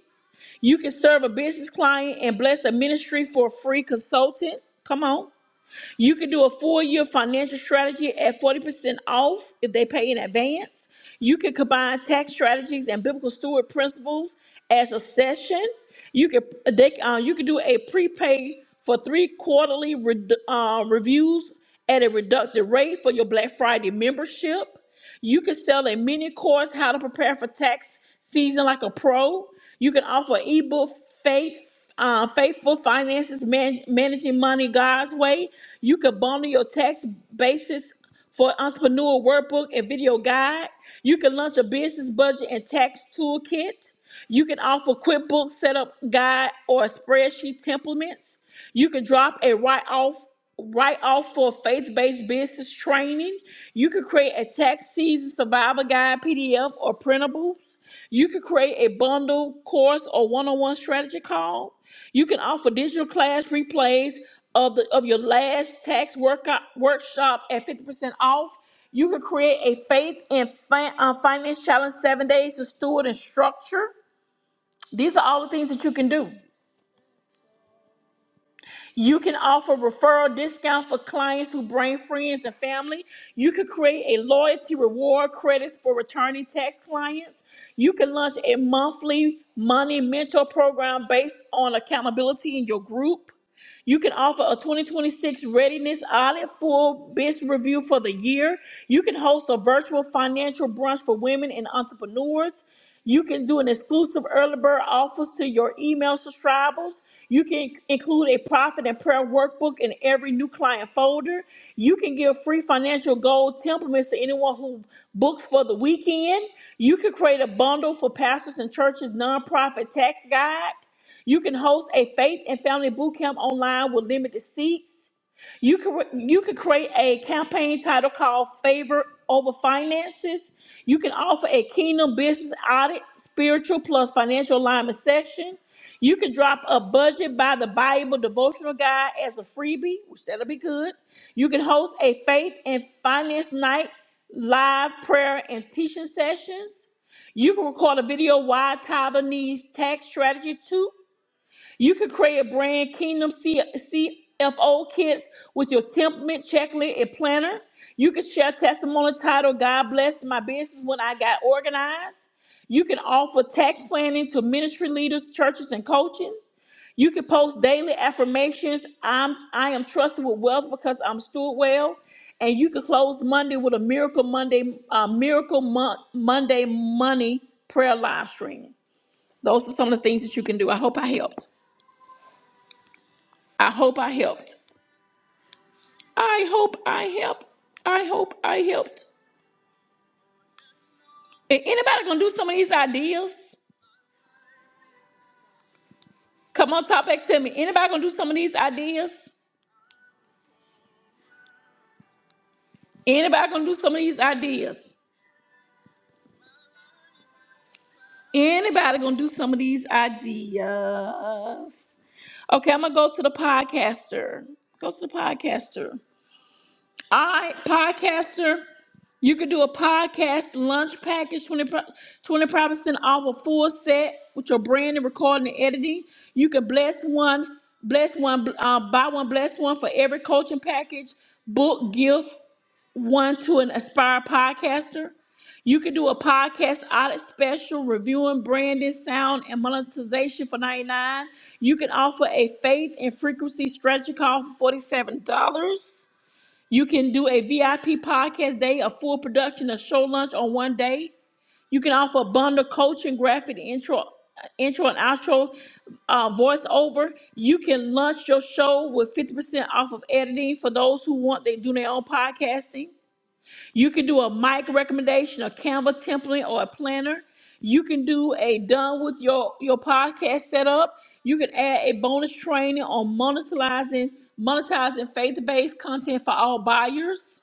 S1: You can serve a business client and bless a ministry for a free consultant. Come on. You can do a full year financial strategy at 40% off if they pay in advance. You can combine tax strategies and biblical steward principles as a session. You can they uh, you can do a prepay for three quarterly re, uh, reviews at a reductive rate for your Black Friday membership. You can sell a mini course how to prepare for tax season like a pro. You can offer an ebook faith, uh, faithful finances, man, managing money God's way. You can bundle your tax basis for entrepreneur workbook and video guide. You can launch a business budget and tax toolkit. You can offer QuickBooks setup guide or spreadsheet templates. You can drop a write off write off for faith-based business training. You can create a tax season survival guide PDF or printables. You can create a bundle course or one-on-one strategy call. You can offer digital class replays of the of your last tax workout workshop at 50% off. You can create a faith and fin- uh, finance challenge seven days to steward and structure. These are all the things that you can do. You can offer referral discount for clients who bring friends and family. You could create a loyalty reward credits for returning tax clients. You can launch a monthly money mentor program based on accountability in your group. You can offer a 2026 readiness audit, full business review for the year. You can host a virtual financial brunch for women and entrepreneurs. You can do an exclusive early bird offers to your email subscribers. You can include a profit and prayer workbook in every new client folder. You can give free financial goal templates to anyone who books for the weekend. You can create a bundle for pastors and churches nonprofit tax guide. You can host a faith and family boot camp online with limited seats. You can you can create a campaign title called "Favor Over Finances." You can offer a Kingdom Business Audit, Spiritual Plus Financial Alignment section. You can drop a budget by the Bible devotional guide as a freebie, which that'll be good. You can host a faith and finance night, live prayer and teaching sessions. You can record a video why Tyler needs tax strategy too you could create a brand Kingdom C- CFO kits with your template, checklist, and planner. You can share testimony titled God Blessed My Business When I Got Organized. You can offer tax planning to ministry leaders, churches, and coaching. You can post daily affirmations. I'm I am trusted with wealth because I'm steward well. And you can close Monday with a miracle Monday, uh, miracle Mon- Monday money prayer live stream. Those are some of the things that you can do. I hope I helped. I hope I helped. I hope I helped. I hope I helped. And anybody gonna do some of these ideas? Come on, Top X, tell me. Anybody gonna do some of these ideas? Anybody gonna do some of these ideas? Anybody gonna do some of these ideas? Okay, I'm gonna go to the podcaster. Go to the podcaster. All right, podcaster. You could do a podcast lunch package, twenty twenty percent off a full set with your branding, recording, and editing. You can bless one, bless one, uh, buy one, bless one for every coaching package, book, gift one to an aspired podcaster. You could do a podcast audit special reviewing branding, sound, and monetization for 99 dollars. You can offer a faith and frequency strategy call for $47. You can do a VIP podcast day, a full production, a show lunch on one day. You can offer a bundle coaching, graphic intro, uh, intro and outro, uh, voiceover. You can launch your show with 50% off of editing for those who want they do their own podcasting. You can do a mic recommendation, a Canva template, or a planner. You can do a done with your, your podcast setup. You can add a bonus training on monetizing monetizing faith-based content for all buyers.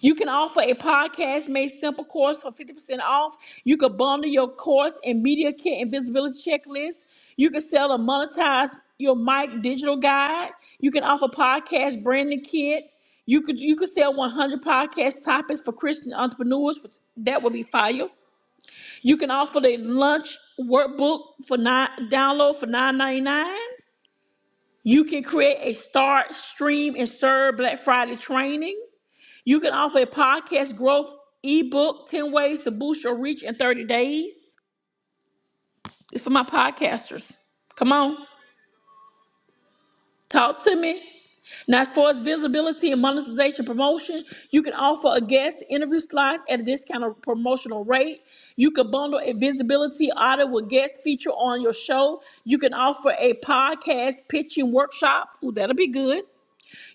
S1: You can offer a podcast made simple course for 50% off. You could bundle your course and media kit and visibility checklist. You can sell a monetize your mic digital guide. You can offer podcast branding kit. You could you could sell 100 podcast topics for Christian entrepreneurs. Which that would be fire. You can offer the lunch workbook for nine download for 9.99. You can create a start, stream, and serve Black Friday training. You can offer a podcast growth ebook 10 ways to boost your reach in 30 days. It's for my podcasters. Come on, talk to me. Now, as far as visibility and monetization promotion, you can offer a guest interview slides at a discounted promotional rate. You can bundle a visibility audit with guest feature on your show. You can offer a podcast pitching workshop. Ooh, that'll be good.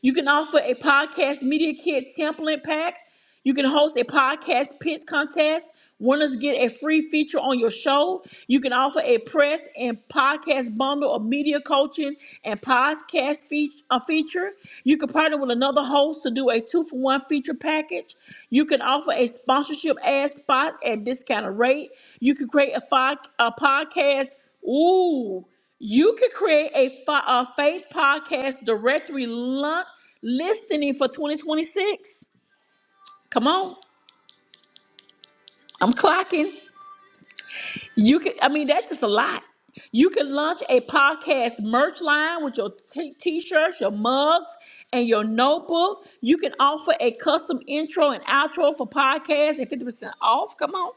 S1: You can offer a podcast media kit template pack. You can host a podcast pitch contest. Winners get a free feature on your show. You can offer a press and podcast bundle of media coaching and podcast fea- uh, feature. You can partner with another host to do a two for one feature package. You can offer a sponsorship ad spot at discounted rate. You can create a, fi- a podcast. Ooh, you can create a, fi- a faith podcast directory lun- listening for 2026. Come on. I'm clocking. You can. I mean, that's just a lot. You can launch a podcast merch line with your t- t-shirts, your mugs, and your notebook. You can offer a custom intro and outro for podcasts and 50% off. Come on.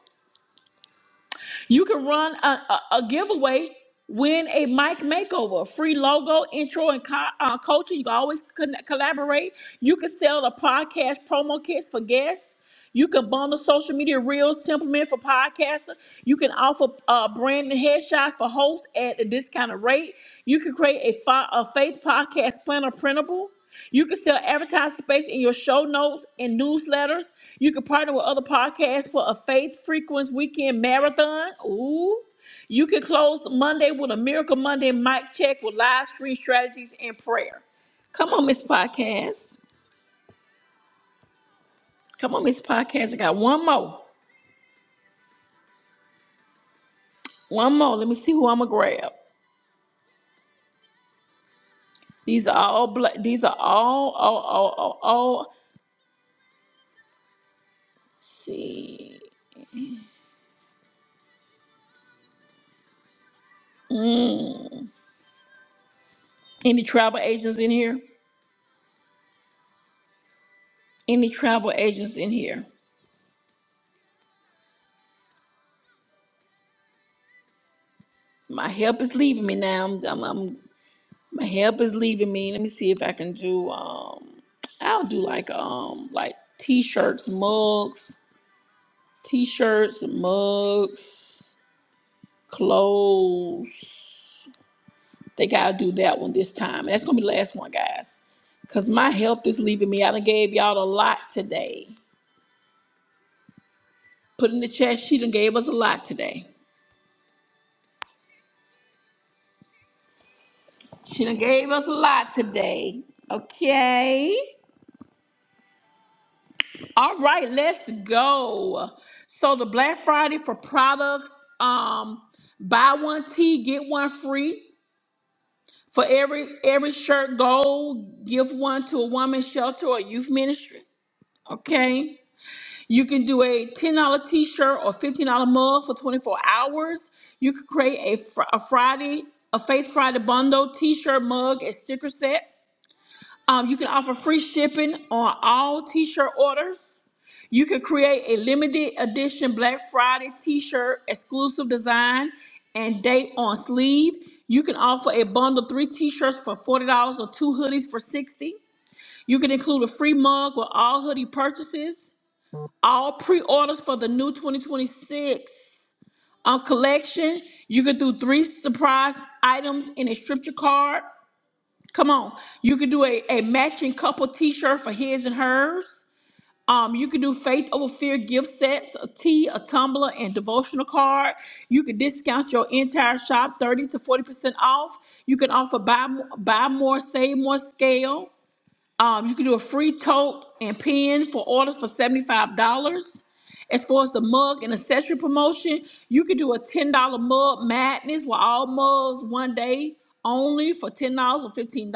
S1: You can run a, a, a giveaway, win a mic makeover, free logo, intro, and co- uh, coaching. You can always con- collaborate. You can sell the podcast promo kits for guests. You can bundle social media reels, template for podcasters. You can offer uh, brand and headshots for hosts at a discounted rate. You can create a, fi- a faith podcast planner printable. You can still advertise space in your show notes and newsletters. You can partner with other podcasts for a faith frequency weekend marathon. Ooh. You can close Monday with a Miracle Monday mic check with live stream strategies and prayer. Come on, Miss Podcast. Come on, Miss Podcast. I got one more. One more. Let me see who I'm gonna grab. These are all black. These are all all all all. all. Let's see. Mm. Any travel agents in here? any travel agents in here? My help is leaving me now. I'm, I'm, I'm- my help is leaving me. Let me see if I can do. Um, I'll do like um like t-shirts, mugs, t-shirts, mugs, clothes. Think I'll do that one this time. That's gonna be the last one, guys. Cause my help is leaving me. I done gave y'all a lot today. Put in the chat. She done gave us a lot today. She done gave us a lot today. Okay. All right, let's go. So the Black Friday for products, um, buy one tee, get one free. For every every shirt, go give one to a woman's shelter or youth ministry. Okay. You can do a $10 t-shirt or $15 mug for 24 hours. You could create a, fr- a Friday, a Faith Friday bundle t-shirt mug and sticker set. Um, you can offer free shipping on all t-shirt orders. You can create a limited edition Black Friday t-shirt exclusive design and date on sleeve. You can offer a bundle three t-shirts for $40 or two hoodies for 60. dollars. You can include a free mug with all hoodie purchases. All pre-orders for the new 2026 um, collection. You can do three surprise items in a scripture card. Come on. You could do a, a matching couple t-shirt for his and hers. Um, you could do faith over fear gift sets, a tea, a tumbler, and devotional card. You could discount your entire shop 30 to 40% off. You can offer buy, mo- buy more, save more scale. Um, you can do a free tote and pen for orders for $75. As far as the mug and accessory promotion, you can do a $10 mug madness with all mugs one day only for $10 or $15.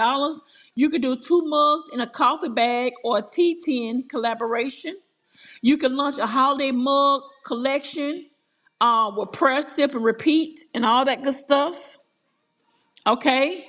S1: You can do two mugs in a coffee bag or a tea tin collaboration. You can launch a holiday mug collection uh, with press, sip, and repeat and all that good stuff. Okay.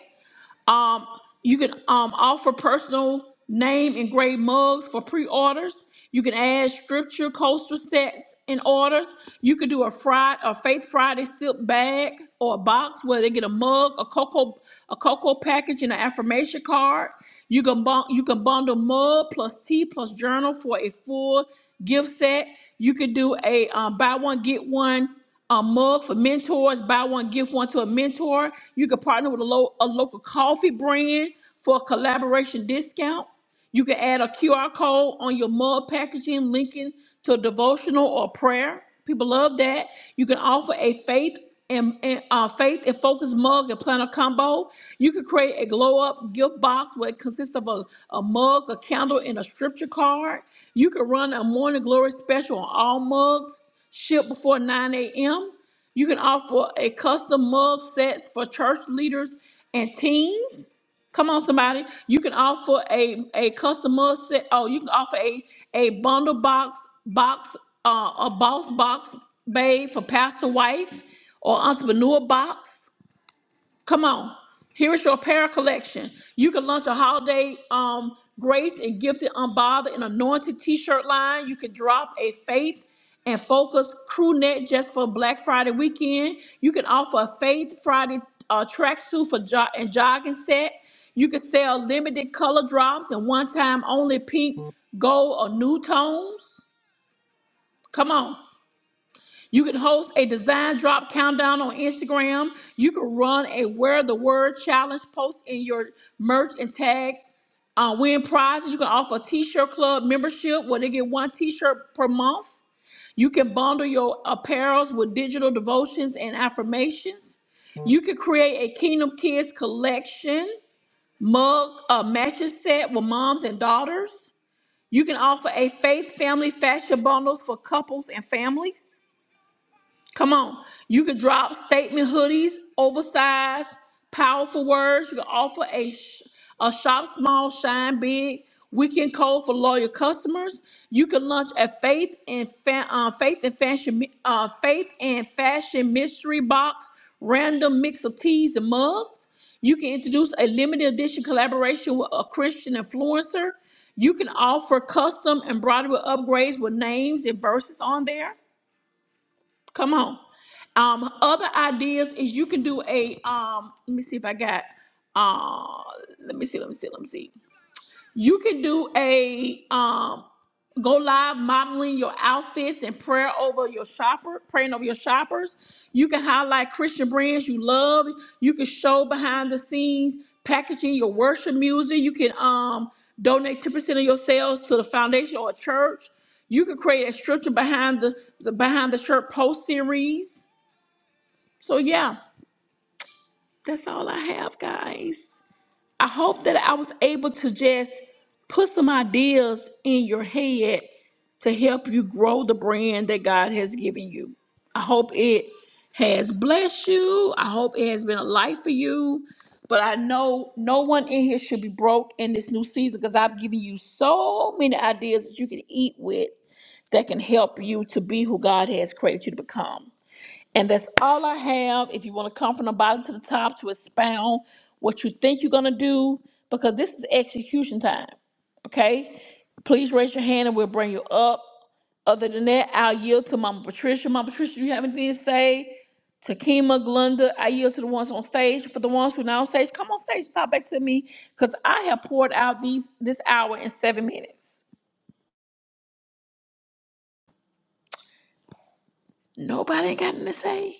S1: Um, you can um, offer personal name engraved mugs for pre-orders. You can add scripture coaster sets in orders. You can do a Friday, a Faith Friday silk bag or a box where they get a mug, a cocoa, a cocoa package, and an affirmation card. You can bun- you can bundle mug plus tea plus journal for a full gift set. You could do a um, buy one get one a mug for mentors. Buy one, give one to a mentor. You could partner with a, lo- a local coffee brand for a collaboration discount. You can add a QR code on your mug packaging linking to a devotional or prayer. People love that. You can offer a faith and, and, uh, faith and focus mug and planner combo. You can create a glow up gift box where it consists of a, a mug, a candle, and a scripture card. You can run a morning glory special on all mugs shipped before 9 a.m. You can offer a custom mug sets for church leaders and teams. Come on, somebody. You can offer a a customer set. Oh, you can offer a a bundle box box uh, a boss box, babe, for pastor wife or entrepreneur box. Come on. Here is your prayer collection. You can launch a holiday um, grace and gifted unbothered and anointed t-shirt line. You can drop a faith and focus crew net just for Black Friday weekend. You can offer a faith Friday uh, tracksuit for jog and jogging set. You can sell limited color drops and one-time only pink, gold, or new tones. Come on. You can host a design drop countdown on Instagram. You can run a wear the word challenge post in your merch and tag uh, win prizes. You can offer a t-shirt club membership where they get one t-shirt per month. You can bundle your apparels with digital devotions and affirmations. You can create a Kingdom Kids collection mug uh, matches set with moms and daughters. You can offer a faith family fashion bundles for couples and families. Come on. You can drop statement hoodies, oversized, powerful words. You can offer a, sh- a shop small, shine big weekend code for loyal customers. You can launch a faith and fa- uh, faith and fashion mi- uh, faith and fashion mystery box, random mix of teas and mugs. You can introduce a limited edition collaboration with a Christian influencer. You can offer custom embroidery upgrades with names and verses on there. Come on. Um, other ideas is you can do a um. Let me see if I got. Uh, let me see. Let me see. Let me see. You can do a um go live modeling your outfits and prayer over your shopper, praying over your shoppers. You can highlight Christian brands you love. You can show behind the scenes packaging your worship music. You can um donate 10% of your sales to the foundation or a church. You can create a structure behind the, the behind the shirt post series. So yeah, that's all I have, guys. I hope that I was able to just put some ideas in your head to help you grow the brand that God has given you. I hope it has blessed you. I hope it has been a light for you. But I know no one in here should be broke in this new season because I've given you so many ideas that you can eat with that can help you to be who God has created you to become. And that's all I have. If you want to come from the bottom to the top to expound what you think you're going to do, because this is execution time. Okay? Please raise your hand and we'll bring you up. Other than that, I'll yield to Mama Patricia. Mama Patricia, you have anything to say? Takima, Glenda, I yield to the ones on stage. For the ones who are not on stage, come on stage and talk back to me because I have poured out these this hour in seven minutes. Nobody ain't got nothing to say.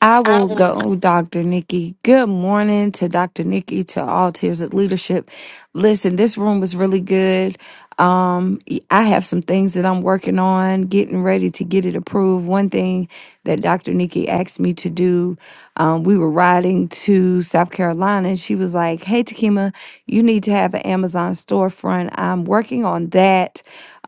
S2: I will go, Dr. Nikki. Good morning to Dr. Nikki, to all tiers of leadership. Listen, this room was really good. Um, I have some things that I'm working on, getting ready to get it approved. One thing that Dr. Nikki asked me to do, um, we were riding to South Carolina and she was like, Hey, Takima, you need to have an Amazon storefront. I'm working on that.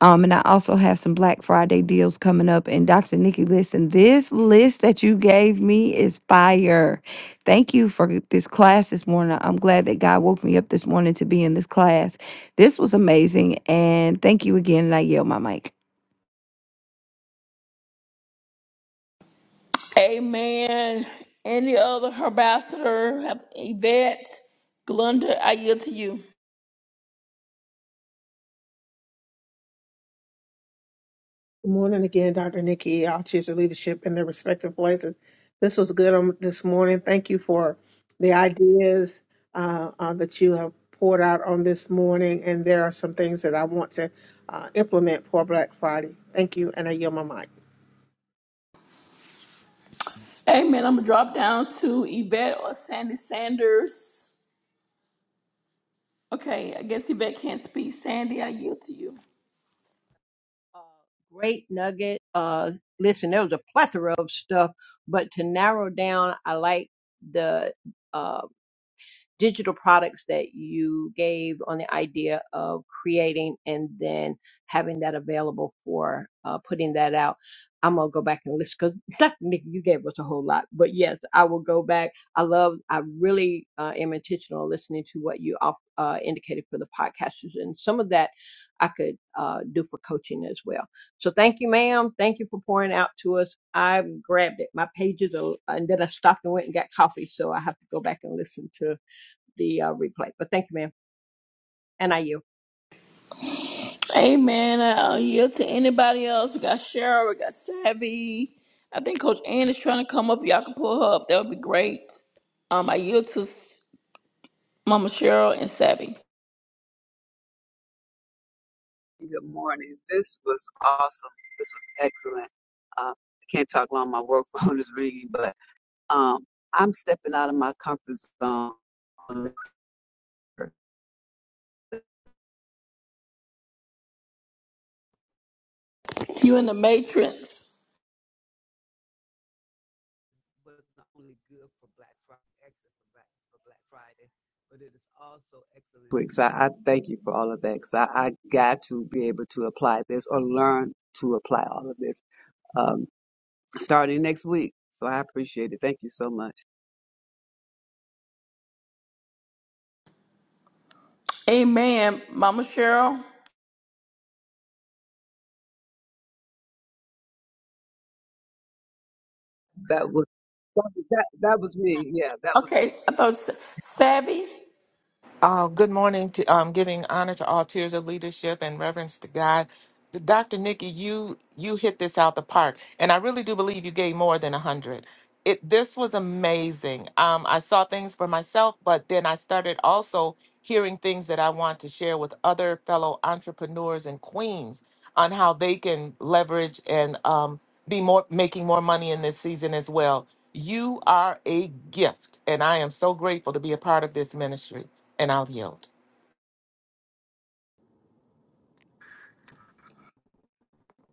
S2: Um, and I also have some Black Friday deals coming up. And Dr. Nikki, listen, this list that you gave me is fire. Thank you for this class this morning. I'm glad that God woke me up this morning to be in this class. This was amazing. And thank you again. And I yield my mic.
S1: Amen. Any other ambassador, Yvette, Glenda, I yield to you.
S3: Good morning again, Dr. Nikki. I'll choose your leadership in their respective places. This was good on this morning. Thank you for the ideas uh, uh, that you have poured out on this morning. And there are some things that I want to uh, implement for Black Friday. Thank you, and I yield my mic.
S1: Amen. I'm going to drop down to Yvette or Sandy Sanders. Okay, I guess Yvette can't speak. Sandy, I yield to you.
S4: uh, great nugget. Uh, listen, there was a plethora of stuff, but to narrow down, I like the uh, digital products that you gave on the idea of creating and then having that available for uh, putting that out. I'm gonna go back and listen because Nick, you gave us a whole lot. But yes, I will go back. I love. I really uh, am intentional listening to what you off- uh, indicated for the podcasters, and some of that I could uh, do for coaching as well. So thank you, ma'am. Thank you for pouring out to us. I grabbed it. My pages are, and then I stopped and went and got coffee. So I have to go back and listen to the uh, replay. But thank you, ma'am. And I yield.
S1: Amen. I yield to anybody else. We got Cheryl, we got Savvy. I think Coach Ann is trying to come up. Y'all can pull her up. That would be great. Um, I yield to S- Mama Cheryl and Savvy.
S5: Good morning. This was awesome. This was excellent. Uh, I can't talk long. My work phone is ringing, but um, I'm stepping out of my comfort zone. But it's
S1: You in the Matrix.
S5: not only good for Black Friday, excellent for Black, for Black Friday, but it is also excellent. Quick, So I I thank you for all of that because I, I got to be able to apply this or learn to apply all of this um, starting next week. So I appreciate it. Thank you so much.
S1: Amen. Mama Cheryl.
S5: That was that that was me. Yeah, that was me.
S1: Okay, I thought Sa- Savvy.
S6: Uh, good morning. To, um, giving honor to all tiers of leadership and reverence to God. Dr. Nikki, you you hit this out the park, and I really do believe you gave more than a hundred. It this was amazing. Um, I saw things for myself, but then I started also hearing things that I want to share with other fellow entrepreneurs and queens on how they can leverage and um, be more making more money in this season as well. You are a gift, and I am so grateful to be a part of this ministry. And I'll yield.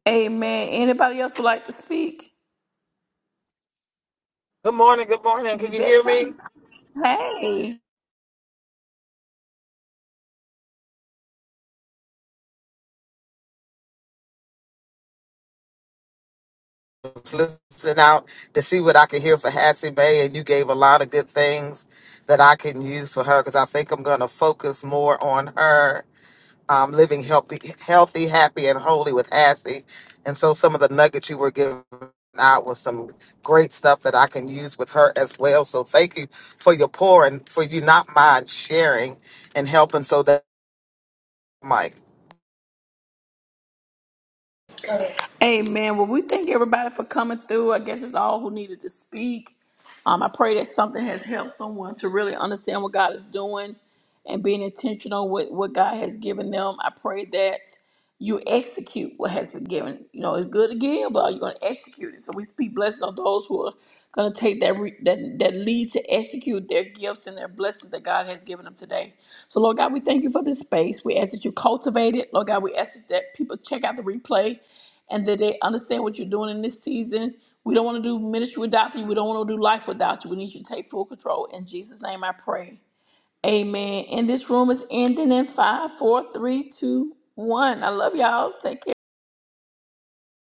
S1: Amen. Anybody else would like to speak?
S7: Good morning, good morning.
S1: Is he
S7: Can you hear me?
S1: veteran? Hey.
S7: I was listening out to see what I could hear for Hassie Bay, and you gave a lot of good things that I can use for her because I think I'm going to focus more on her um, living healthy, healthy, happy, and holy with Hassie. And so some of the nuggets you were giving out was some great stuff that I can use with her as well. So thank you for your pour and for you not mind sharing and helping so that. Mike.
S1: Amen. Well, we thank everybody for coming through. I guess it's all who needed to speak. Um, I pray that something has helped someone to really understand what God is doing and being intentional with what God has given them. I pray that you execute what has been given. You know, it's good to give, but you're going to execute it. So we speak blessings on those who are going to take that, re- that that lead to execute their gifts and their blessings that God has given them today. So, Lord God, we thank you for this space. We ask that you cultivate it. Lord God, we ask that people check out the replay and that they understand what you're doing in this season. We don't want to do ministry without you. We don't want to do life without you. We need you to take full control. In Jesus' name I pray. Amen. And this room is ending in five, four, three, two, one. I love y'all. Take care.